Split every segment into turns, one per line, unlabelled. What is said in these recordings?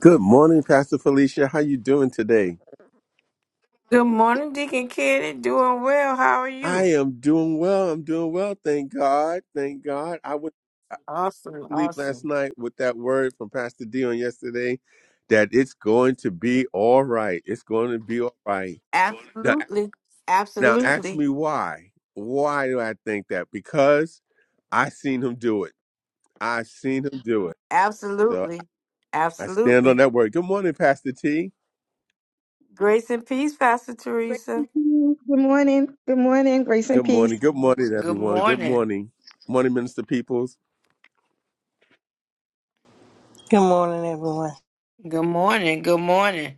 Good morning, Pastor Felicia. How you doing today?
Good morning, Deacon Kitty. Doing well. How are
I
you?
am doing well. I'm doing well. Thank God. Thank God. I went to
Awesome,
sleep last
awesome.
night with that word from Pastor D on yesterday that it's going to be all right. It's going to be all right. Now,
Absolutely,
now ask me
absolutely,
why. Why do I think that? Because I seen him do it. I seen him do it. So
absolutely,
I stand on
absolutely.
that word. Good morning, Pastor T.
Grace and peace, Pastor
Grace and
Teresa.
peace. Good morning. Good morning. Grace and
Good
peace.
morning. Good morning,
Good
everyone. Good
morning.
morning. Morning, Minister Peoples.
Good morning, everyone.
Good morning. Good morning.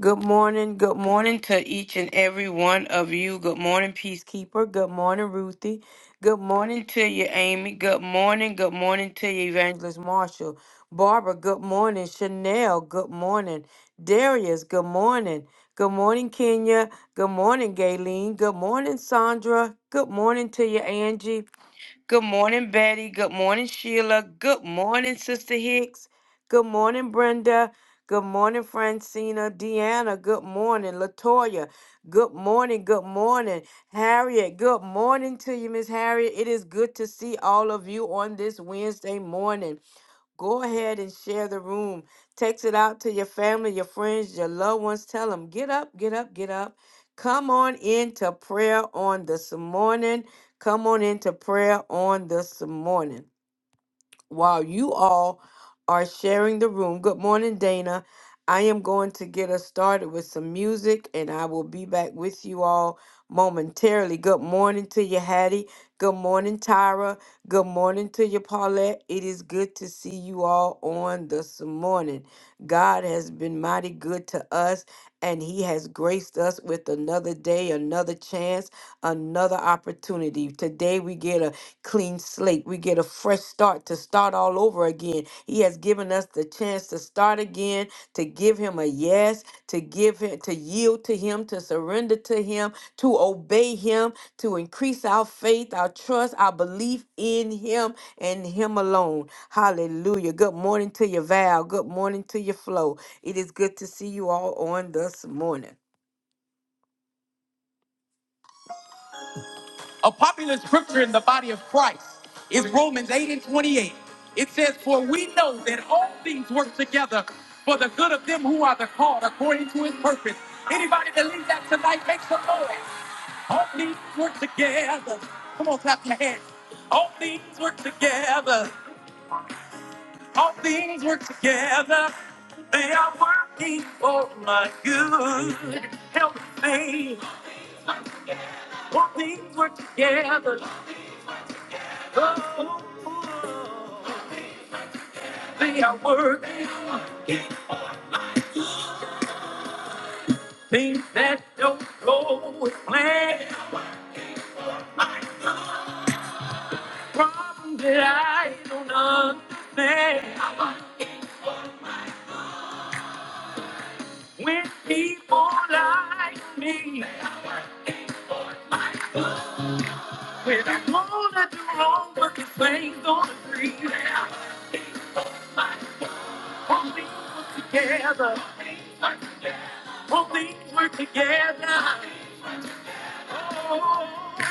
Good morning. Good morning to each and every one of you. Good morning, Peacekeeper. Good morning, Ruthie. Good morning to you, Amy. Good morning. Good morning to you, Evangelist Marshall. Barbara, good morning. Chanel, good morning. Darius, good morning. Good morning, Kenya. Good morning, Gayleen. Good morning, Sandra. Good morning to you, Angie. Good morning, Betty. Good morning, Sheila. Good morning, Sister Hicks. Good morning, Brenda. Good morning, Francina. Deanna, good morning. Latoya, good morning. Good morning. Harriet, good morning to you, Miss Harriet. It is good to see all of you on this Wednesday morning. Go ahead and share the room. Text it out to your family, your friends, your loved ones. Tell them, get up, get up, get up. Come on into prayer on this morning. Come on into prayer on this morning while you all are sharing the room. Good morning, Dana. I am going to get us started with some music and I will be back with you all momentarily. Good morning to you, Hattie. Good morning, Tyra. Good morning to you, Paulette. It is good to see you all on this morning. God has been mighty good to us and He has graced us with another day, another chance, another opportunity. Today we get a clean slate. We get a fresh start to start all over again. He has given us the chance to start again, to give him a yes, to give him to yield to him, to surrender to him, to obey him, to increase our faith, our trust, our belief in him and him alone. Hallelujah. Good morning to you, Val. Good morning to you, Flo. It is good to see you all on this morning. A popular scripture in the body of Christ is Romans 8 and 28. It says, For we know that all things work together for the good of them who are the called according to his purpose. Anybody believe that tonight? Make some noise. All things work together. Come on, clap your hands. All things work together. All things work together. They are working for my good. Help me. All things work together. They are working things that don't go with plan. Problem that I don't understand. When people like me, when I know that they're wrong, but the things don't agree. Won't we work together? Won't we work together? Oh,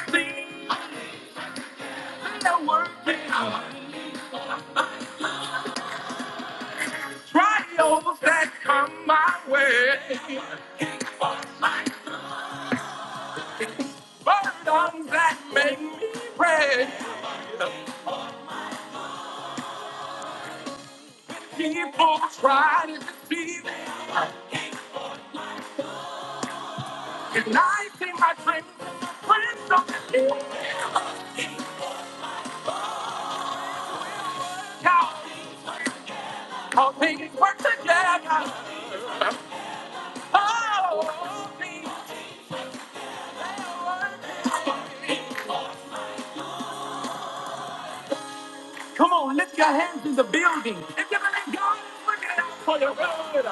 things that are working. Trials that come my way, burdens that make me pray. People try to deceive me, and I see my dreams and my friends on the hill. How all things work together. Oh, things work together. Come on, lift your hands in the building. If you believe God is working it out for your good,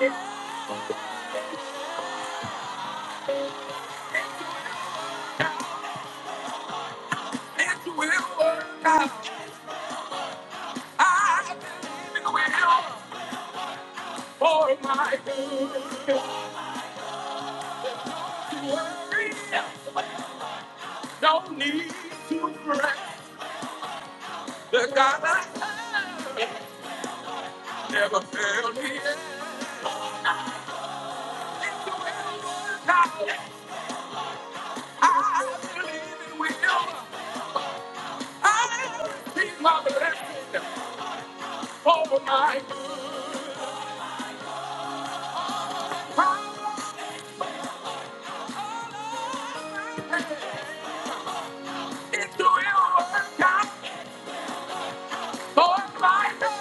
it it will work out. I believe it will. for my good. Worry, no need to fret. The God I have never failed me. yet. It will work out. I believe it will. I receive my blessing for my good. It will work out for my good.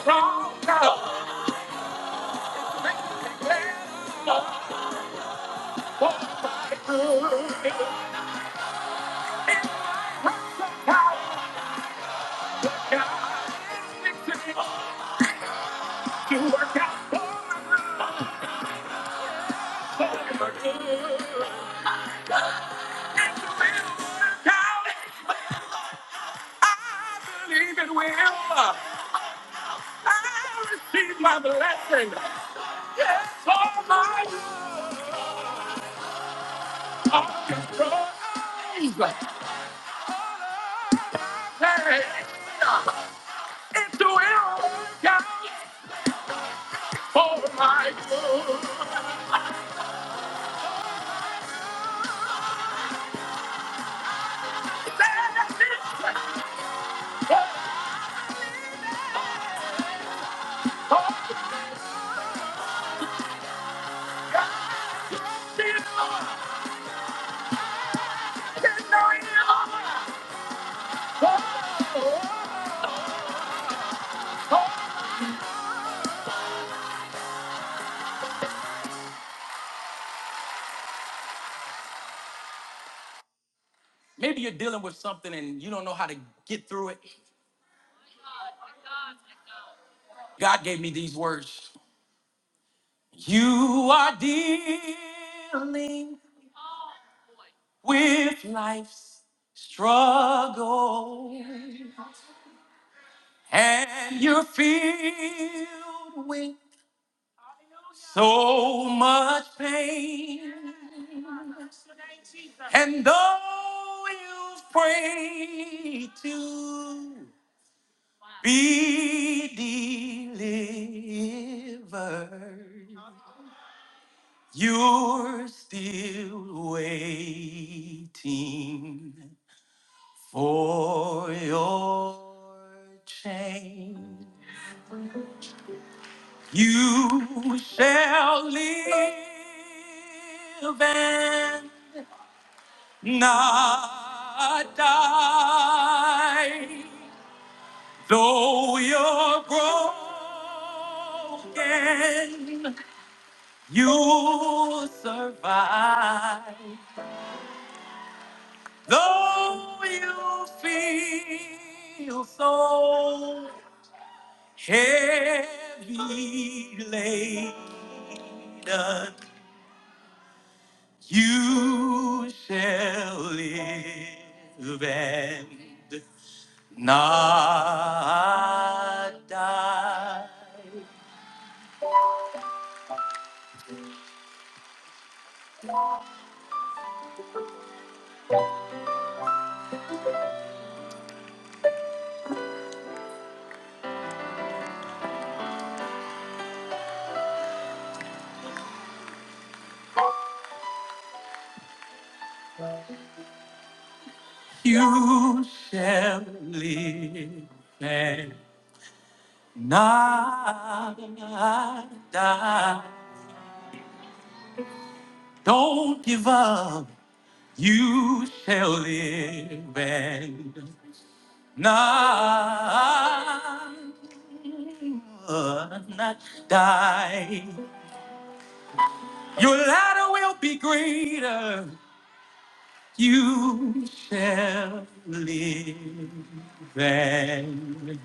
strong God. My blessing. Yes, all my love, all your praise. It's the will of God for my good. Maybe you're dealing with something and you don't know how to get through it. God gave me these words. You are dealing with life's struggle and you're filled with so much pain. And though you pray to be delivered, you're still waiting for your change. You shall live and not die. Though you're broken, you survive. Though you feel so heavy laden, you shall live and not die. You shall live and not die. Don't give up. You shall live and not, not die. Your ladder will be greater. You shall live and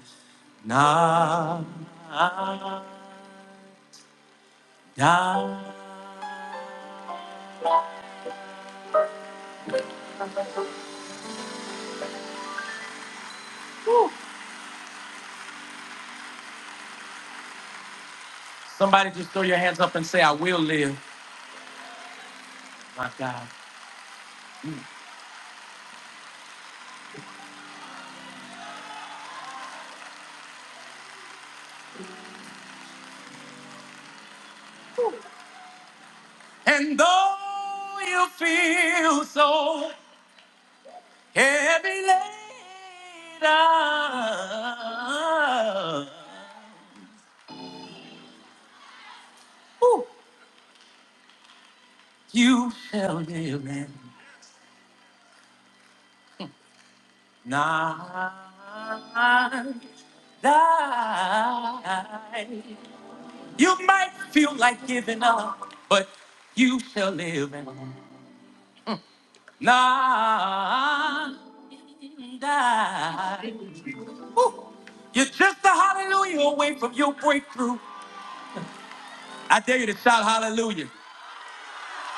not die. Somebody just throw your hands up and say, I will live, my God. And though you feel so heavy laden, ooh, you shall live and not die. You might feel like giving up, but you shall live and not die. Woo. You're just a hallelujah away from your breakthrough. I dare you to shout hallelujah.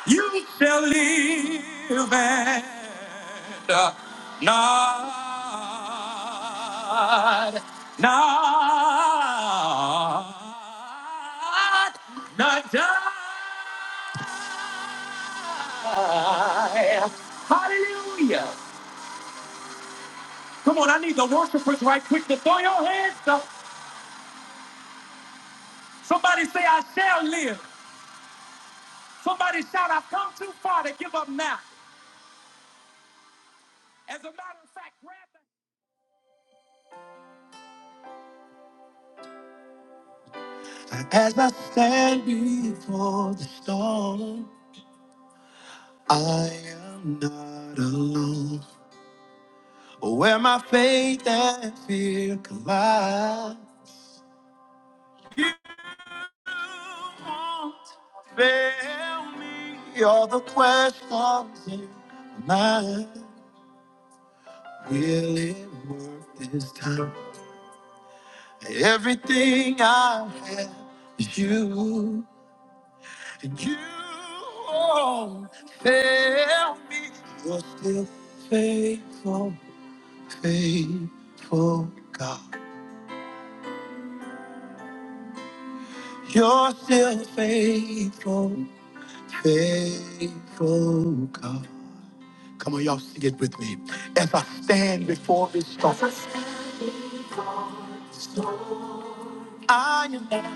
You shall live and not, not, not die. Hallelujah. Come on, I need the worshipers right quick to throw your hands up. Somebody say, I shall live. Somebody shout, I've come too far to give up now. As a matter of fact, grab that. As I stand before the storm, I am not alone. Where my faith and fear collide, you won't fail me. All the questions in my mind, will it work this time? Everything I have is you. You won't fail me. You're still faithful, faithful God. You're still faithful, faithful God. Come on, y'all sing it with me. As I stand before this throne, I am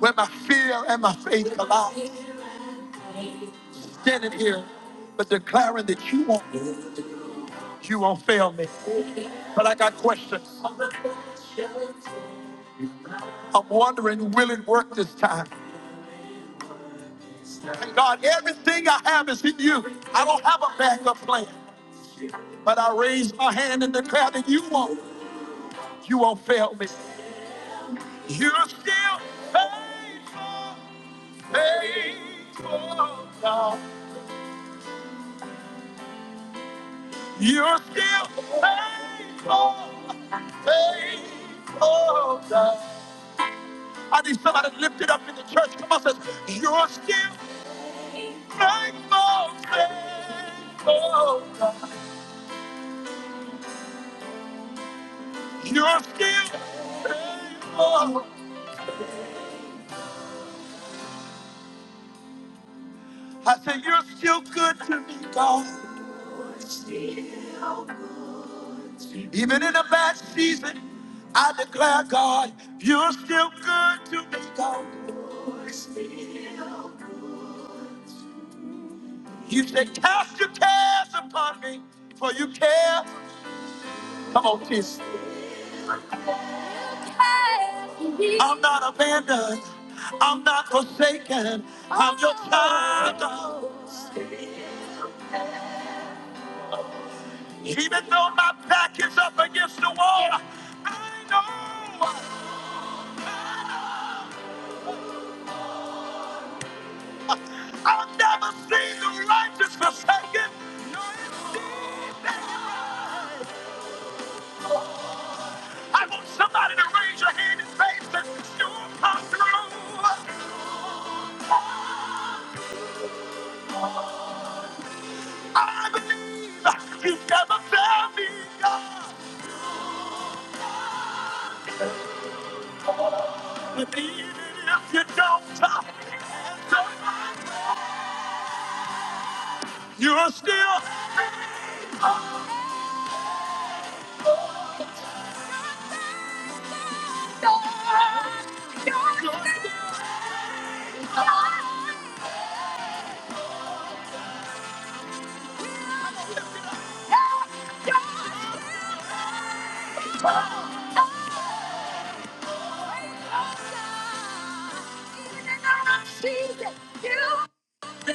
where my fear and my faith collide. Standing here, but declaring that you won't, you won't fail me. But I got questions. I'm wondering, will it work this time? And God, everything I have is in you. I don't have a backup plan, but I raise my hand and declare that you won't. You won't fail me. You're still faithful, faithful God. You're still faithful, faithful God. I need somebody to lift it up in the church. Come on, says, you're still faithful, faithful. You're still faithful. I said, you're still good to me, God. Even in a bad season, I declare, God, you're still good to me, God. You said, cast your cares upon me, for you care. Come on, kiss. I'm not abandoned. I'm not forsaken. I'm your child. Even though my back is up against the wall, I know. I've never seen the righteous forsaken. nor his seed begging bread. I want somebody to raise your hand and say that you'll come through. I believe you've never failed me, God. But even if you don't, you're still. God. You're still God. Jesus, you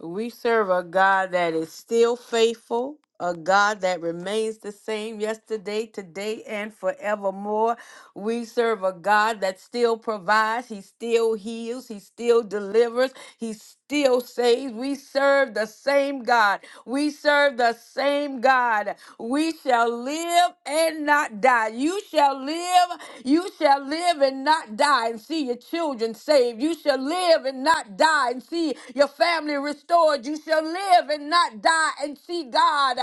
we serve a God that is still faithful, a God that remains the same yesterday, today, and forevermore. We serve a God that still provides, He still heals, He still delivers, He still saves. We serve the same God. We serve the same God. We shall live and not die. You shall live, you shall live and not die and see your children saved. You shall live and not die and see see your family restored. You shall live and not die and see God.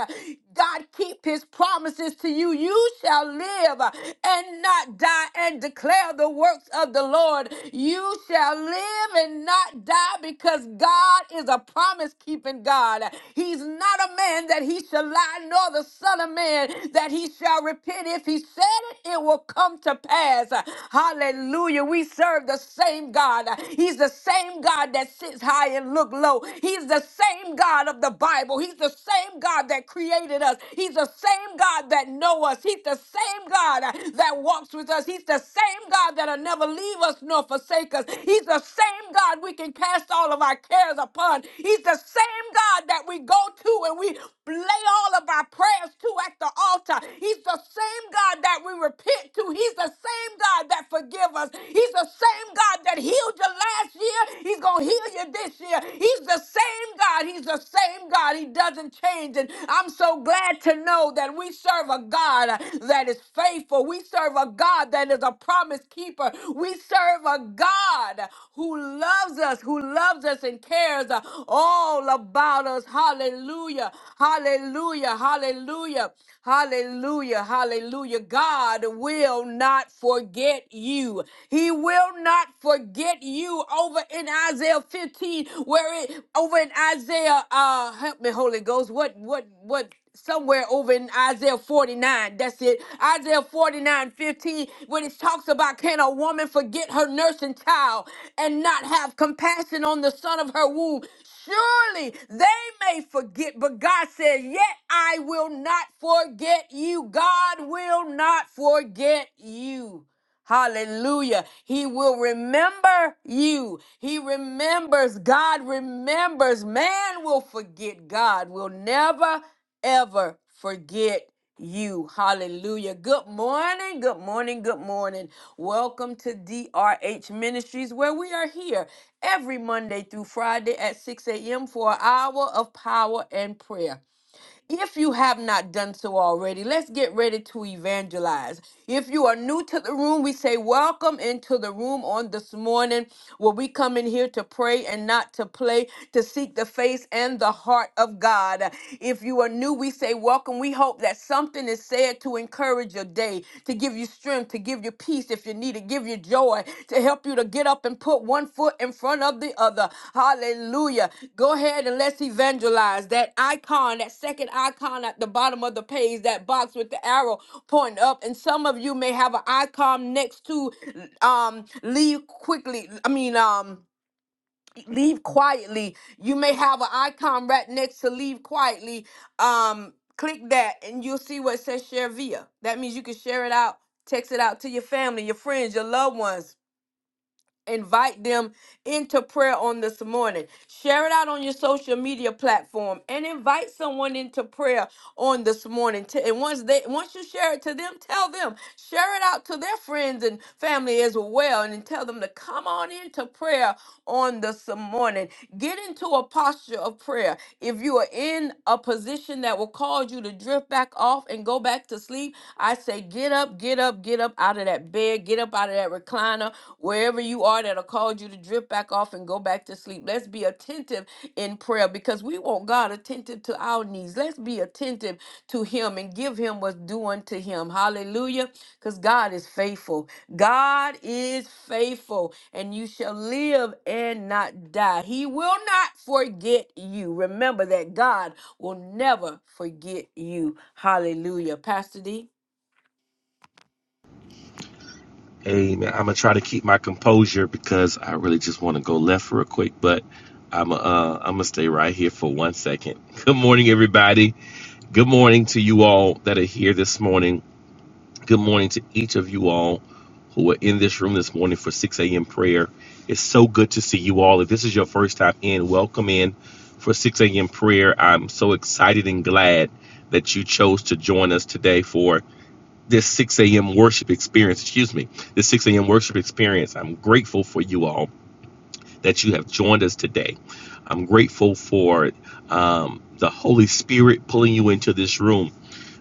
God keep his promises to you. You shall live and not die and declare the works of the Lord. You shall live and not die because God is a promise keeping God. He's not a man that he shall lie, nor the son of man that he shall repent. If he said it, it will come to pass. Hallelujah. We serve the same God. He's the same God that sits high and look low. He's the same God of the Bible. He's the same God that created us. He's the same God that know us. He's the same God uh, that walks with us. He's the same God that'll never leave us nor forsake us. He's the same God we can cast all of our cares upon. He's the same God that we go to and we lay all of our prayers to at the altar. He's the same God that we repent to. He's the same God that forgive us. He's the same God that healed you last year year. He's going to heal you this year. He's the same God. He's the same God. He doesn't change. And I'm so glad to know that we serve a God uh, that is faithful. We serve a God that is a promise keeper. We serve a God who loves us, who loves us and cares uh, all about us. Hallelujah. Hallelujah. Hallelujah. Hallelujah. Hallelujah. God will not forget you. He will will not forget you over in Isaiah 15, where it over in Isaiah, uh help me, Holy Ghost. What what what somewhere over in Isaiah 49. That's it. Isaiah forty-nine fifteen, 15, when it talks about can a woman forget her nursing child and not have compassion on the son of her womb? Surely they may forget, but God says, Yet I will not forget you. God will not forget you. Hallelujah. He will remember you. He remembers. God remembers. Man will forget. God will never, ever forget you. Hallelujah. Good morning. Good morning. Good morning. Welcome to DRH Ministries, where we are here every Monday through Friday at 6 a.m. for an hour of power and prayer. If you have not done so already, let's get ready to evangelize. If you are new to the room, we say welcome into the room on this morning where we come in here to pray and not to play, to seek the face and the heart of God. If you are new, we say welcome. We hope that something is said to encourage your day, to give you strength strength, to give you peace if you need it, give you joy, to help you to get up and put one foot in front of the other. Hallelujah. Go ahead and let's evangelize. That icon, that second icon at the bottom of the page, that box with the arrow pointing up. And some of you may have an icon next to um leave quickly. I mean, um, leave quietly. You may have an icon right next to leave quietly. Um, click that and you'll see what it says share via. That means you can share it out, text it out to your family, your friends, your loved ones invite them into prayer on this morning. Share it out on your social media platform and invite someone into prayer on this morning. T- And once they once you share it to them, tell them, share it out to their friends and family as well and then tell them to come on into prayer on this morning. Get into a posture of prayer. If you are in a position that will cause you to drift back off and go back to sleep, I say get up, get up, get up out of that bed that bed, get up out of that recliner, wherever you are that'll cause you to drift back off and go back to sleep. Let's be attentive in prayer because we want God attentive to our needs. Let's be attentive to Him and give Him what's due unto Him. Hallelujah. Because God is faithful. God is faithful, and you shall live and not die. He will not forget you. Remember that God will never forget you. Hallelujah. Pastor D.
Hey man, I'm gonna try to keep my composure because I really just want to go left real quick, but I'm uh I'm gonna stay right here for one second. Good morning, everybody. Good morning to you all that are here this morning. Good morning to each of you all who are in this room this morning for 6 a.m. prayer. It's so good to see you all. If this is your first time in, welcome in for 6 a.m. prayer. I'm so excited and glad that you chose to join us today for this 6 a.m. worship experience. Excuse me, this 6 a.m. worship experience. I'm grateful for you all that you have joined us today. I'm grateful for um, the Holy Spirit pulling you into this room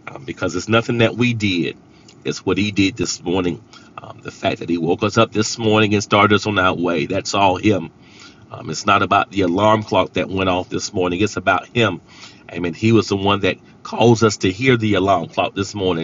um, because it's nothing that we did, it's what He did this morning. Um, the fact that He woke us up this morning and started us on our way, that's all Him. Um, it's not about the alarm clock that went off this morning, it's about Him. I mean, He was the one that caused us to hear the alarm clock this morning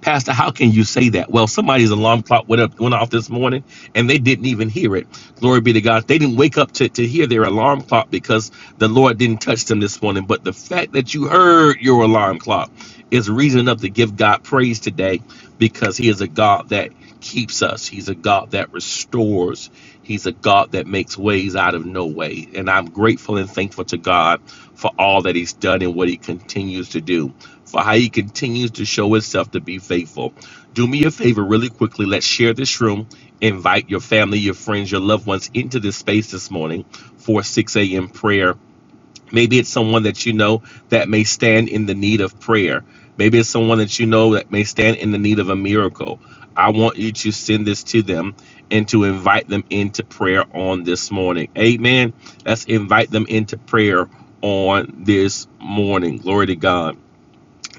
Pastor, how can you say that? Well, somebody's alarm clock went up, went off this morning, and they didn't even hear it. Glory be to God. They didn't wake up to, to hear their alarm clock because the Lord didn't touch them this morning. But the fact that you heard your alarm clock is reason enough to give God praise today because He is a God that keeps us. He's a God that restores. He's a God that makes ways out of no way. And I'm grateful and thankful to God for all that He's done and what He continues to do, for how He continues to show Himself to be faithful. Do me a favor, really quickly. Let's share this room. Invite your family, your friends, your loved ones into this space this morning for 6 a.m. prayer. Maybe it's someone that you know that may stand in the need of prayer. Maybe it's someone that you know that may stand in the need of a miracle. I want you to send this to them and to invite them into prayer on this morning. Amen. Let's invite them into prayer on this morning. Glory to God.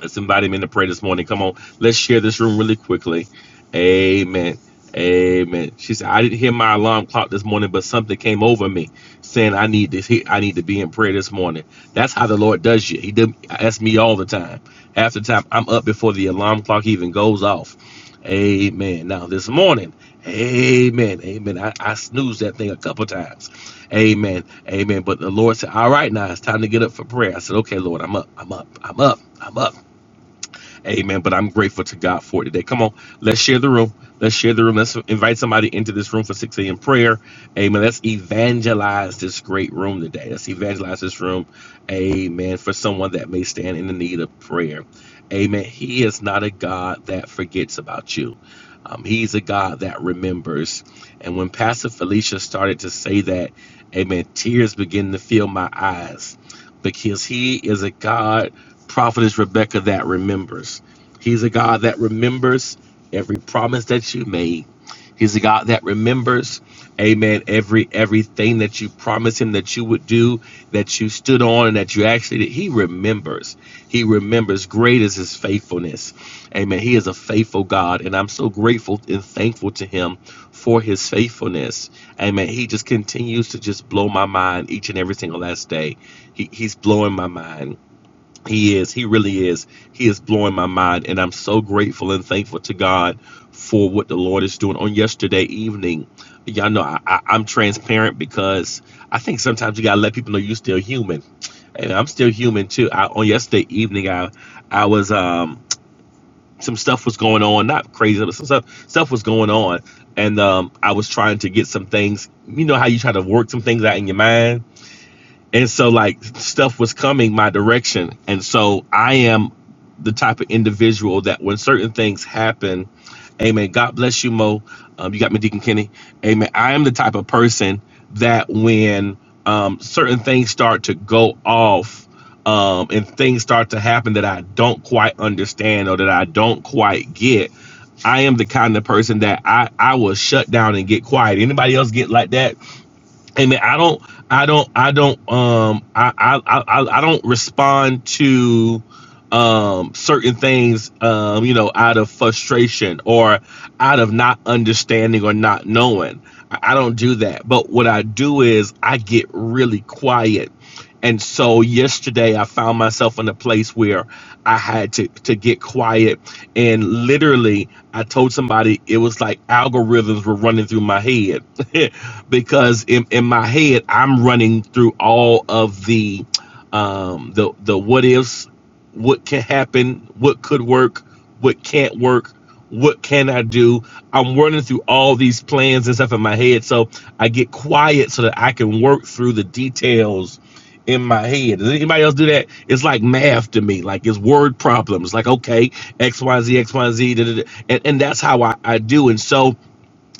Let's invite him in to pray this morning. Come on, let's share this room really quickly. Amen. Amen. She said, I didn't hear my alarm clock this morning, but something came over me saying I need to he- I need to be in prayer this morning. That's how the Lord does you. He does that's me all the time. Half the time I'm up before the alarm clock even goes off. Amen. Now this morning, amen. Amen. I, I snoozed that thing a couple times. Amen. Amen. But the Lord said, All right, now it's time to get up for prayer. I said, Okay, Lord, I'm up. I'm up. I'm up. I'm up. Amen. But I'm grateful to God for it today. Come on, let's share the room. Let's share the room. Let's invite somebody into this room for 6 a.m. prayer. Amen. Let's evangelize this great room today. Let's evangelize this room. Amen. For someone that may stand in the need of prayer. Amen. He is not a God that forgets about you. Um, he's a God that remembers. And when Pastor Felicia started to say that, amen, tears begin to fill my eyes because he is a God prophetess Rebecca that remembers. He's a God that remembers every promise that you made. He's a God that remembers, amen, every everything that you promised him that you would do, that you stood on and that you actually did. He remembers. He remembers. Great is his faithfulness. Amen. He is a faithful God. And I'm so grateful and thankful to him for his faithfulness. Amen. He just continues to just blow my mind each and every single last day. He, he's blowing my mind he is. He really is. He is blowing my mind. And I'm so grateful and thankful to God for what the Lord is doing. On yesterday evening, y'all know I, I, I'm transparent because I think sometimes you got to let people know you're still human. And I'm still human too. I, on yesterday evening, I, I was, um, some stuff was going on, not crazy, but some stuff, stuff was going on. And um, I was trying to get some things, you know, how you try to work some things out in your mind and so like stuff was coming my direction and so i am the type of individual that when certain things happen amen god bless you mo um, you got me deacon kenny amen i am the type of person that when um, certain things start to go off um, and things start to happen that i don't quite understand or that i don't quite get I am the kind of person that I, I will shut down and get quiet. Anybody else get like that? and then I don't, I don't, I don't, um, I, I, I, I don't respond to um certain things, um, you know, out of frustration or out of not understanding or not knowing. I, I don't do that. But what I do is I get really quiet and so yesterday I found myself in a place where I had to, to get quiet. And literally, I told somebody it was like algorithms were running through my head because in, in my head, I'm running through all of the um the the what ifs what can happen, what could work, what can't work, what can I do. I'm running through all these plans and stuff in my head. So I get quiet so that I can work through the details in my head. Does anybody else do that? It's like math to me. Like it's word problems. Like, okay, X, Y, Z, X, Y, Z. da, da, da. And, and that's how I, I do. And so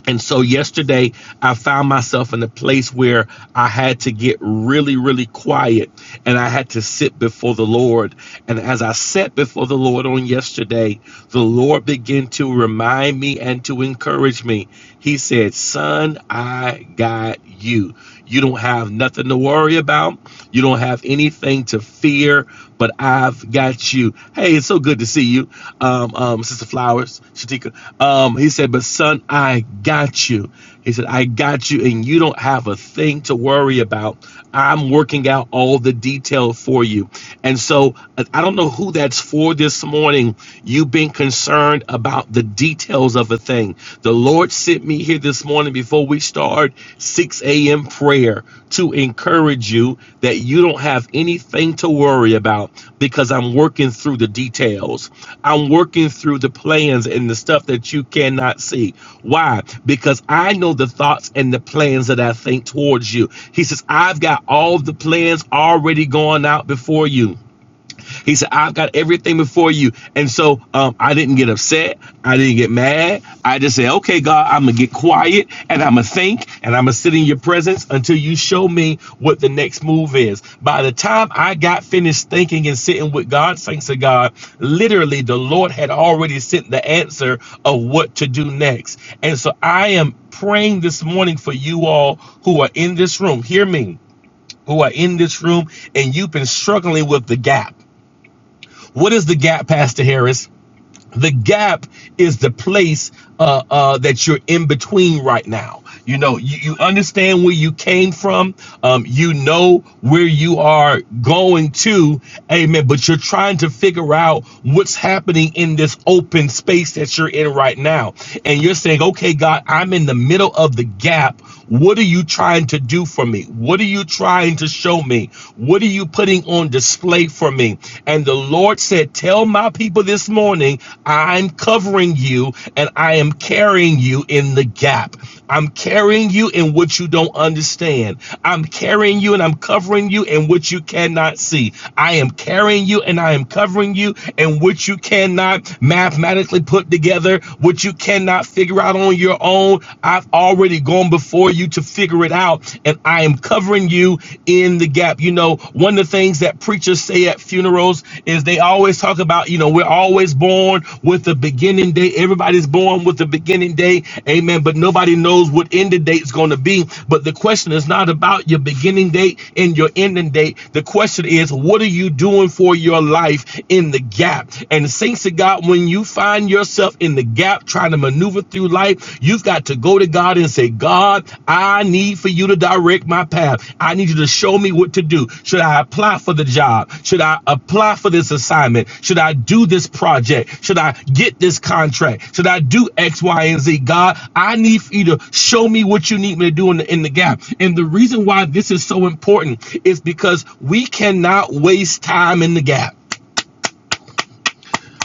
and so yesterday, I found myself in a place where I had to get really, really quiet and I had to sit before the Lord. And as I sat before the Lord on yesterday, the Lord began to remind me and to encourage me. He said, Son, I got you. You don't have nothing to worry about. You don't have anything to fear, but I've got you. Hey, it's so good to see you, um, um, Sister Flowers, Shatika. Um, he said, but son, I got you. He said, I got you, and you don't have a thing to worry about. I'm working out all the detail for you. And so I I don't know who that's for this morning. You've been concerned about the details of a thing. The Lord sent me here this morning before we start 6 a.m. prayer to encourage you that you don't have have anything to worry about because I'm working through the details. I'm working through the plans and the stuff that you cannot see. Why? Because I know the thoughts and the plans that I think towards you. He says, I've got all the plans already going out before you. He said, I've got everything before you. And so um, I didn't get upset. I didn't get mad. I just said, okay, God, I'm going to get quiet and I'm going to think and I'm going to sit in your presence until you show me what the next move is. By the time I got finished thinking and sitting with God, thanks to God, literally the Lord had already sent the answer of what to do next. And so I am praying this morning for you all who are in this room. Hear me who are in this room and you've been struggling with the gap. What is the gap, Pastor Harris? The gap is the place uh, uh, that you're in between right now. You know, you, you understand where you came from. Um, you know where you are going to. Amen. But you're trying to figure out what's happening in this open space that you're in right now. And you're saying, okay, God, I'm in the middle of the gap. What are you trying to do for me? What are you trying to show me? What are you putting on? on display for me. And the Lord said, Tell my people this morning, I'm covering you and I am carrying you in the gap. I'm carrying you in what you don't understand. I'm carrying you and I'm covering you in what you cannot see. I am carrying you and I am covering you in what you cannot mathematically put together, what you cannot figure out on your own. I've already gone before you to figure figure it out. And I am covering you in the gap. You know, one of the things that preachers say at funerals is they always talk about, you know, we're always born with the beginning date. Everybody's born with the beginning date. Amen. But nobody knows what end of date is going to be. But the question is not about your beginning date and your ending date. The question is, what are you doing for your life in the gap? And thanks to God, when you find yourself in the gap, gap, trying to maneuver through life, you've got to go to God and say, God, I need for you to direct my path. I need you to show me what to do. Should I apply for the job? Should I apply for this assignment? Should I do this project? Should I get this contract? Should I do X, Y, and Z? God, I need for you to show me what you need me to do in the, in the gap. And the reason why this is so important is because we cannot waste time in the gap.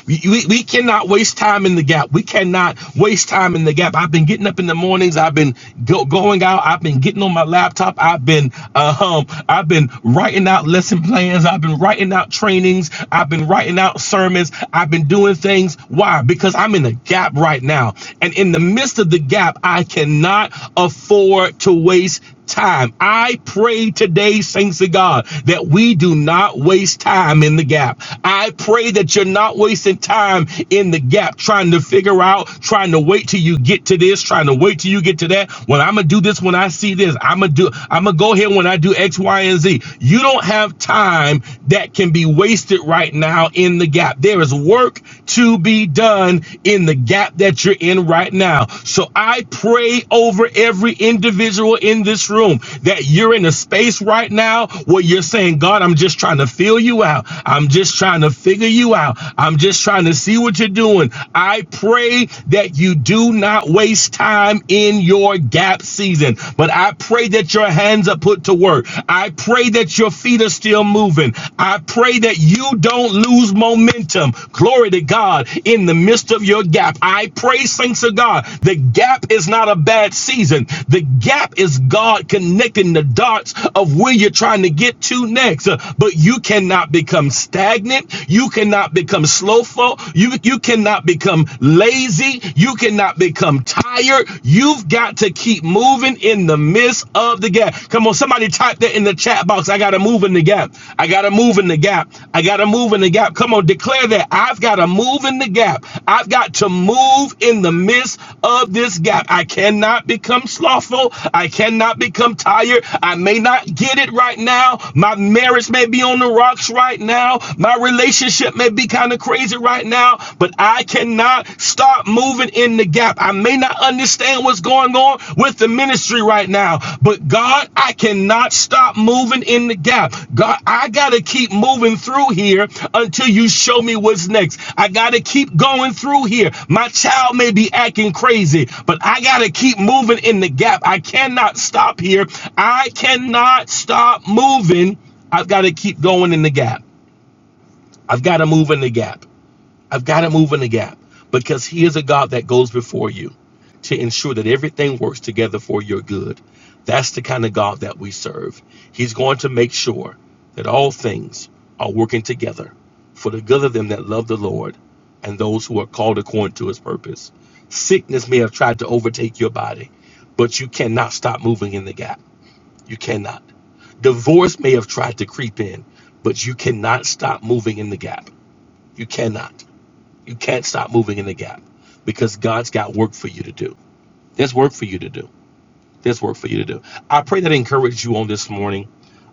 We, we we cannot waste time in the gap. We cannot waste time in the gap. I've been getting up in the mornings. I've been go, going out. I've been getting on my laptop. I've been uh, um I've been writing out lesson plans. I've been writing out trainings. I've been writing out sermons. I've been doing things. Why? Because I'm in a gap right now. And in the midst of the gap, I cannot afford to waste time. I pray today, saints of God, that we do not waste time in the gap. I pray that you're not wasting time in the gap trying to figure out, trying to wait till you get to this, trying to wait till you get to that. When I'm gonna do this, when I see this, I'm gonna do, I'm gonna go here when I do X, Y, and Z. You don't have time that can be wasted right now in the gap. There is work to be done in the gap gap that you're in right now. So I pray over every individual in this room that you're in a space right now where you're saying, God, I'm just trying to feel you out. I'm just trying to figure you out. I'm just trying to see what you're doing. I pray that you do not waste time in your gap season, but I pray that your hands are put to work. I pray that your feet are still moving. I pray pray that you don't lose momentum. Glory to God in the midst of your gap. I pray, saints of God, the gap is not a bad season. The gap is God connecting the dots of where you're trying to get to next. Uh, But you cannot become stagnant. You cannot become slowful. You, you cannot become lazy. You cannot become tired. You've got to keep moving in the midst of the gap. Come on, somebody type that in the chat box. I gotta move in the gap. I gotta move in the gap. I gotta move in the gap. Come on, declare that. I've gotta move in the gap. I've got to move in the midst of this gap. I cannot become slothful. I cannot become tired. I may not get it right now. My marriage may be on the rocks right now. My relationship may be kind of crazy right now, but I cannot stop moving in the gap. I may not understand what's going on with the ministry right now, but God, I cannot stop moving in the gap. God, I got to keep moving through here until you show me what's next. I got to keep going through here. My child may be acting crazy, but I got to keep moving in the gap. I cannot stop here. I cannot stop moving. I've got to keep going in the gap. I've got to move in the gap. I've got to move in the gap because He is a God that goes before you to ensure that everything works together for your good. That's the kind of God that we serve. He's going to make sure that all things are working together for the good of them that love the Lord and those who are called according to His purpose. Sickness may have tried to overtake your body, but you cannot stop moving in the gap. You cannot. Divorce may have tried to creep in, but you cannot stop moving in the gap. You cannot. You can't stop moving in the gap because God's got work for you to do. There's work for you to do. There's work for you to do. I pray that encouraged you on this morning.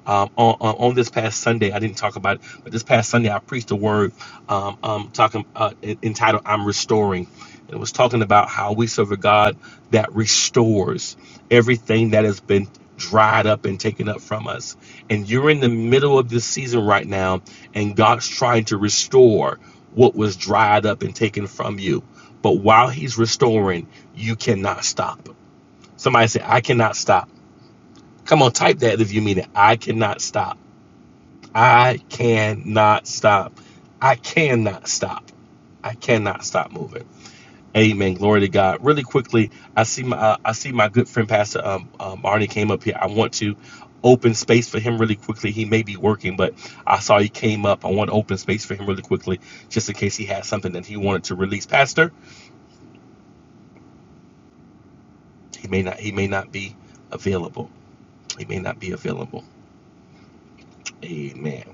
Um, on, on on this past Sunday, I didn't talk about it, but this past Sunday I preached a word um, um, talking uh, entitled "I'm Restoring." It was talking about how we serve a God that restores everything that has been dried up and taken up from us. And you're in the middle of this season right now, and God's trying to restore what was dried up and taken from you. But while He's restoring, you cannot stop. Somebody say, I cannot stop. Come on, type that if you mean it. I cannot stop. I cannot stop. I cannot stop. I cannot stop moving. Amen. Glory to God. Really quickly, I see my uh, I see my good friend Pastor um, um Arnie came up here. I want to open space for him really quickly. He may be working, but I saw he came up. I want to open space for him really quickly, just in case he has something that he wanted to release. Pastor, he may not he may not be available. He may not be available. Amen.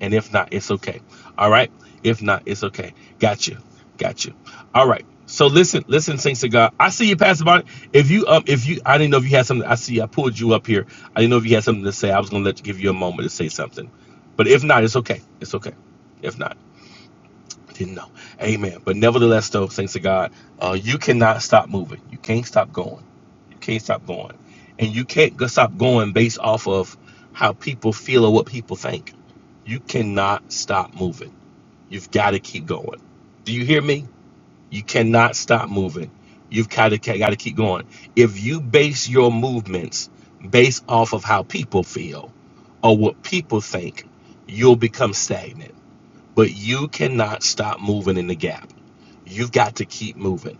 And if not, it's okay. All right. If not, it's okay. Got you. Got you. All right. So listen, listen, saints to God. I see you, Pastor Bonnie. If you um, if you, I didn't know if you had something. I see. I pulled you up here. I didn't know if you had something to say. I was gonna let you give you a moment to say something, but if not, it's okay. It's okay. If not, didn't know. Amen. But nevertheless, though, saints to God, uh, you cannot stop moving. You can't stop going. You can't stop going. And you can't go stop going based off of how people feel or what people think. You cannot stop moving. You've got to keep going. Do you hear me? You cannot stop moving. You've got to, got to keep going. If you base your movements based off of how people feel or what people think, you'll become stagnant. But you cannot stop moving in the gap. You've got to keep moving.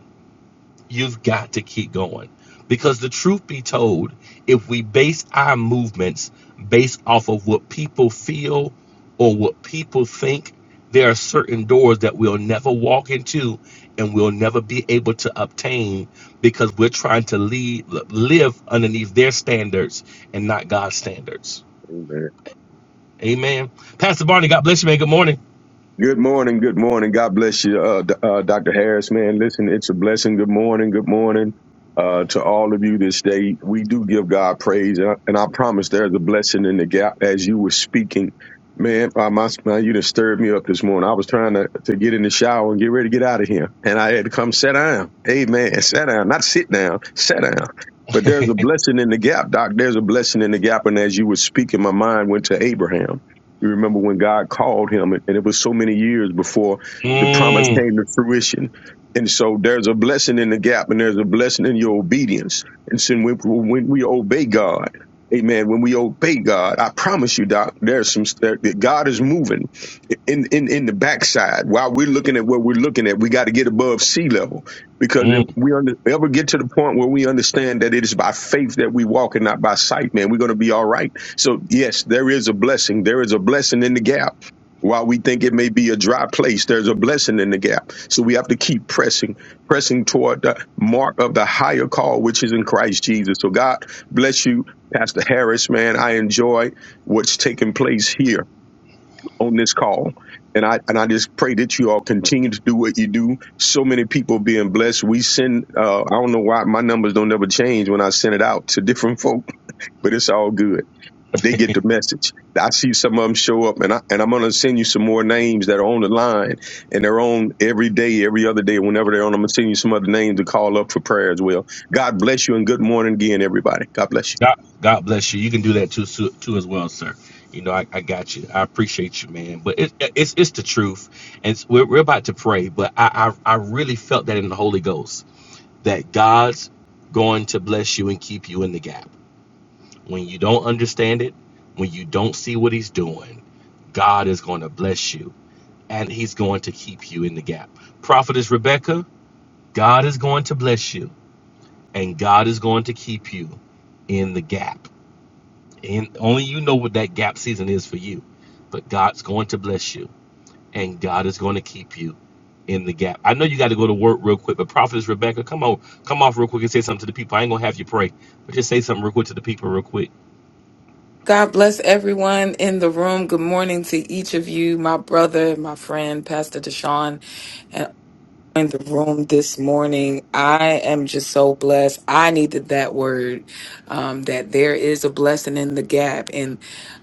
You've got to keep going. Because the truth be told, if we base our movements based off of what people feel or what people think, there are certain doors that we'll never walk into and we'll never be able to obtain because we're trying to lead, live underneath their standards and not God's standards.
Amen.
Amen. Pastor Barney, God bless you, man. Good morning.
Good morning. Good morning. God bless you, uh, D- uh, Dr. Harris, man. Listen, it's a blessing. Good morning. Good morning uh, to all of you this day. We do give God praise, and I, and I promise there's a blessing in the gap as you were speaking. Man, uh, my, man, you done stirred me up this morning. I was trying to, to get in the shower and get ready to get out of here, and I had to come sit down. Amen. Sit down, not sit down, sit down. But there's a blessing in the gap, Doc. There's a blessing in the gap. And as you were speaking, my mind went to Abraham. You remember when God called him, and it was so many years before the promise
Mm,
came to fruition. And so there's a blessing in the gap, and there's a blessing in your obedience. And so when, when we obey God, Amen. When we obey God, I promise you, Doc, there's some there, that God is moving in, in in the backside. While we're looking at what we're looking at, we got to get above sea level because
mm.
if we under, ever get to the point where we understand that it is by faith that we walk and not by sight, man, we're going to be all right so, yes, there is a blessing. There is a blessing in the gap. While we think it may be a dry place, there's a blessing in the gap. So we have to keep pressing, pressing toward the mark of the higher call, which is in Christ Jesus. So God bless you, Pastor Harris, man. I enjoy what's taking place here on this call. And I, and I just pray that you all continue to do what you do. So many people being blessed. We send, uh, I don't know why my numbers don't ever change when I send it out to different folks but it's all good. But they get the message. I see some of them show up, and I and I'm gonna send you some more names that are on the line, and they're on every day, every other day, whenever they're on. I'm gonna send you some other names to call up for prayer as well. God bless you, and good morning again, everybody. God bless you.
God, God bless you. You can do that too, so- too as well, sir. You know, I, I got you. I appreciate you, man. But it, it's it's the truth, and it's, we're, we're about to pray. But I, I I really felt that in the Holy Ghost that God's going to bless you and keep you in the gap when you don't understand it, when you don't see what He's doing. God is going to bless you, and He's going to keep you in the gap. Prophetess Rebecca, God is going to bless you, and God is going to keep you in the gap And only you know what that gap season is for you. But God's going to bless you and God is going to keep you in the gap. I know you got to go to work real quick, but Prophetess Rebecca, come on, come off real quick and say something to the people. I ain't going to have you pray, but just say something real quick to the people real quick.
God bless everyone in the room. Good morning to each of you, my brother, my friend, Pastor Deshaun in the room this morning. I am just so blessed. I needed that word um, that there is a blessing in the gap. And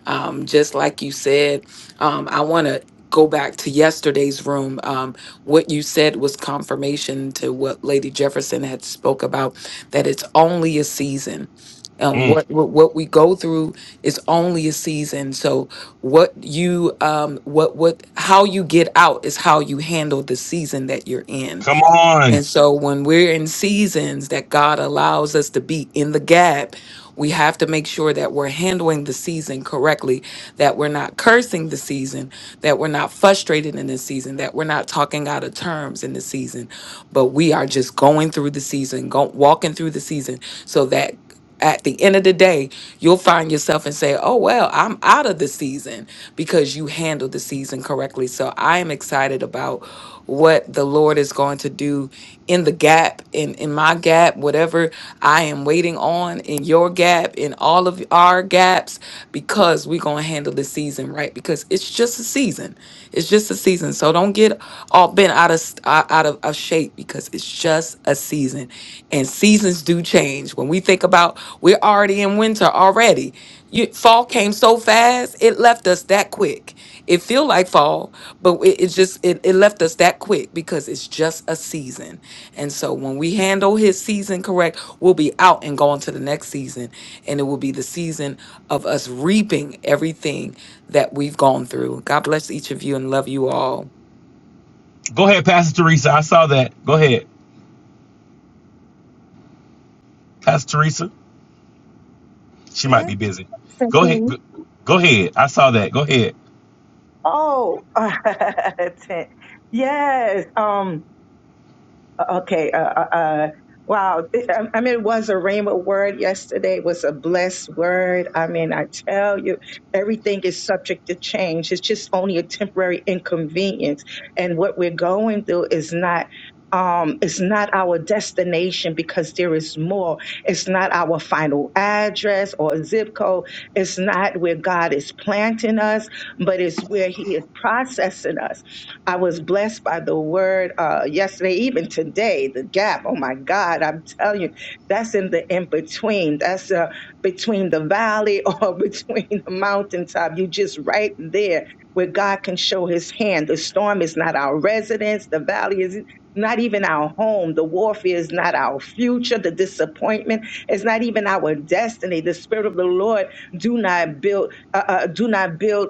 um, just like you said, um, I want to go back to yesterday's room um, what you said was confirmation to what lady jefferson had spoke about that it's only a season and
Mm,
what what what we go through is only a season so what you um what what how you get out is how you handle the season that you're in
come
and
on.
so when we're in seasons that God allows us to be in the gap, we have to make sure that we're handling the season correctly, that we're not cursing the season, that we're not frustrated in the season, that we're not talking out of terms in the season, but we are just going through the season, go, walking through the season so that at the end of the day, you'll find yourself and say, "Oh well, I'm out of the season because you handled the season correctly." So I am excited about what the Lord is going to do in the gap, in, in my gap, whatever I am waiting on, in your gap, in all of our gaps, because we're going to handle the season right. Because it's just a season. It's just a season. So don't get all bent out of s- uh, out of, of shape because it's just a season, and seasons do change. When we think about, we're already in winter already. You, fall came so fast; it left us that quick. It feel like fall, but it, it just it, it left us that quick because it's just a season. And so when we handle his season correct, we'll be out and going to the next season. And it will be the season of us reaping everything that we've gone through. God bless each of you and love you all.
Go ahead, Pastor Teresa. I saw that. Go ahead. Pastor Teresa, she might
Yes.
be busy. Go ahead. Go
Simply.
go ahead. I saw that. Go ahead.
Oh, Ten- yes. Um. Okay. Uh, uh, uh, wow. I I mean, it was a rhema word yesterday. It was a blessed word. I mean, I tell you, everything is subject to change. It's just only a temporary inconvenience. And what we're going through is not. Um, it's not our destination because there is more. It's not our final address or zip code. It's not where God is planting us, but it's where He is processing us I was blessed by the word uh, yesterday, even today, the gap. Oh my God, I'm telling you, that's in the in between. That's uh, between the valley or between the mountaintop. You just right there where God can show his hand. The storm is not our residence, the valley is not even our home. The warfare is not our future. The disappointment is not even our destiny. The spirit of the Lord do not build, uh, uh, do not build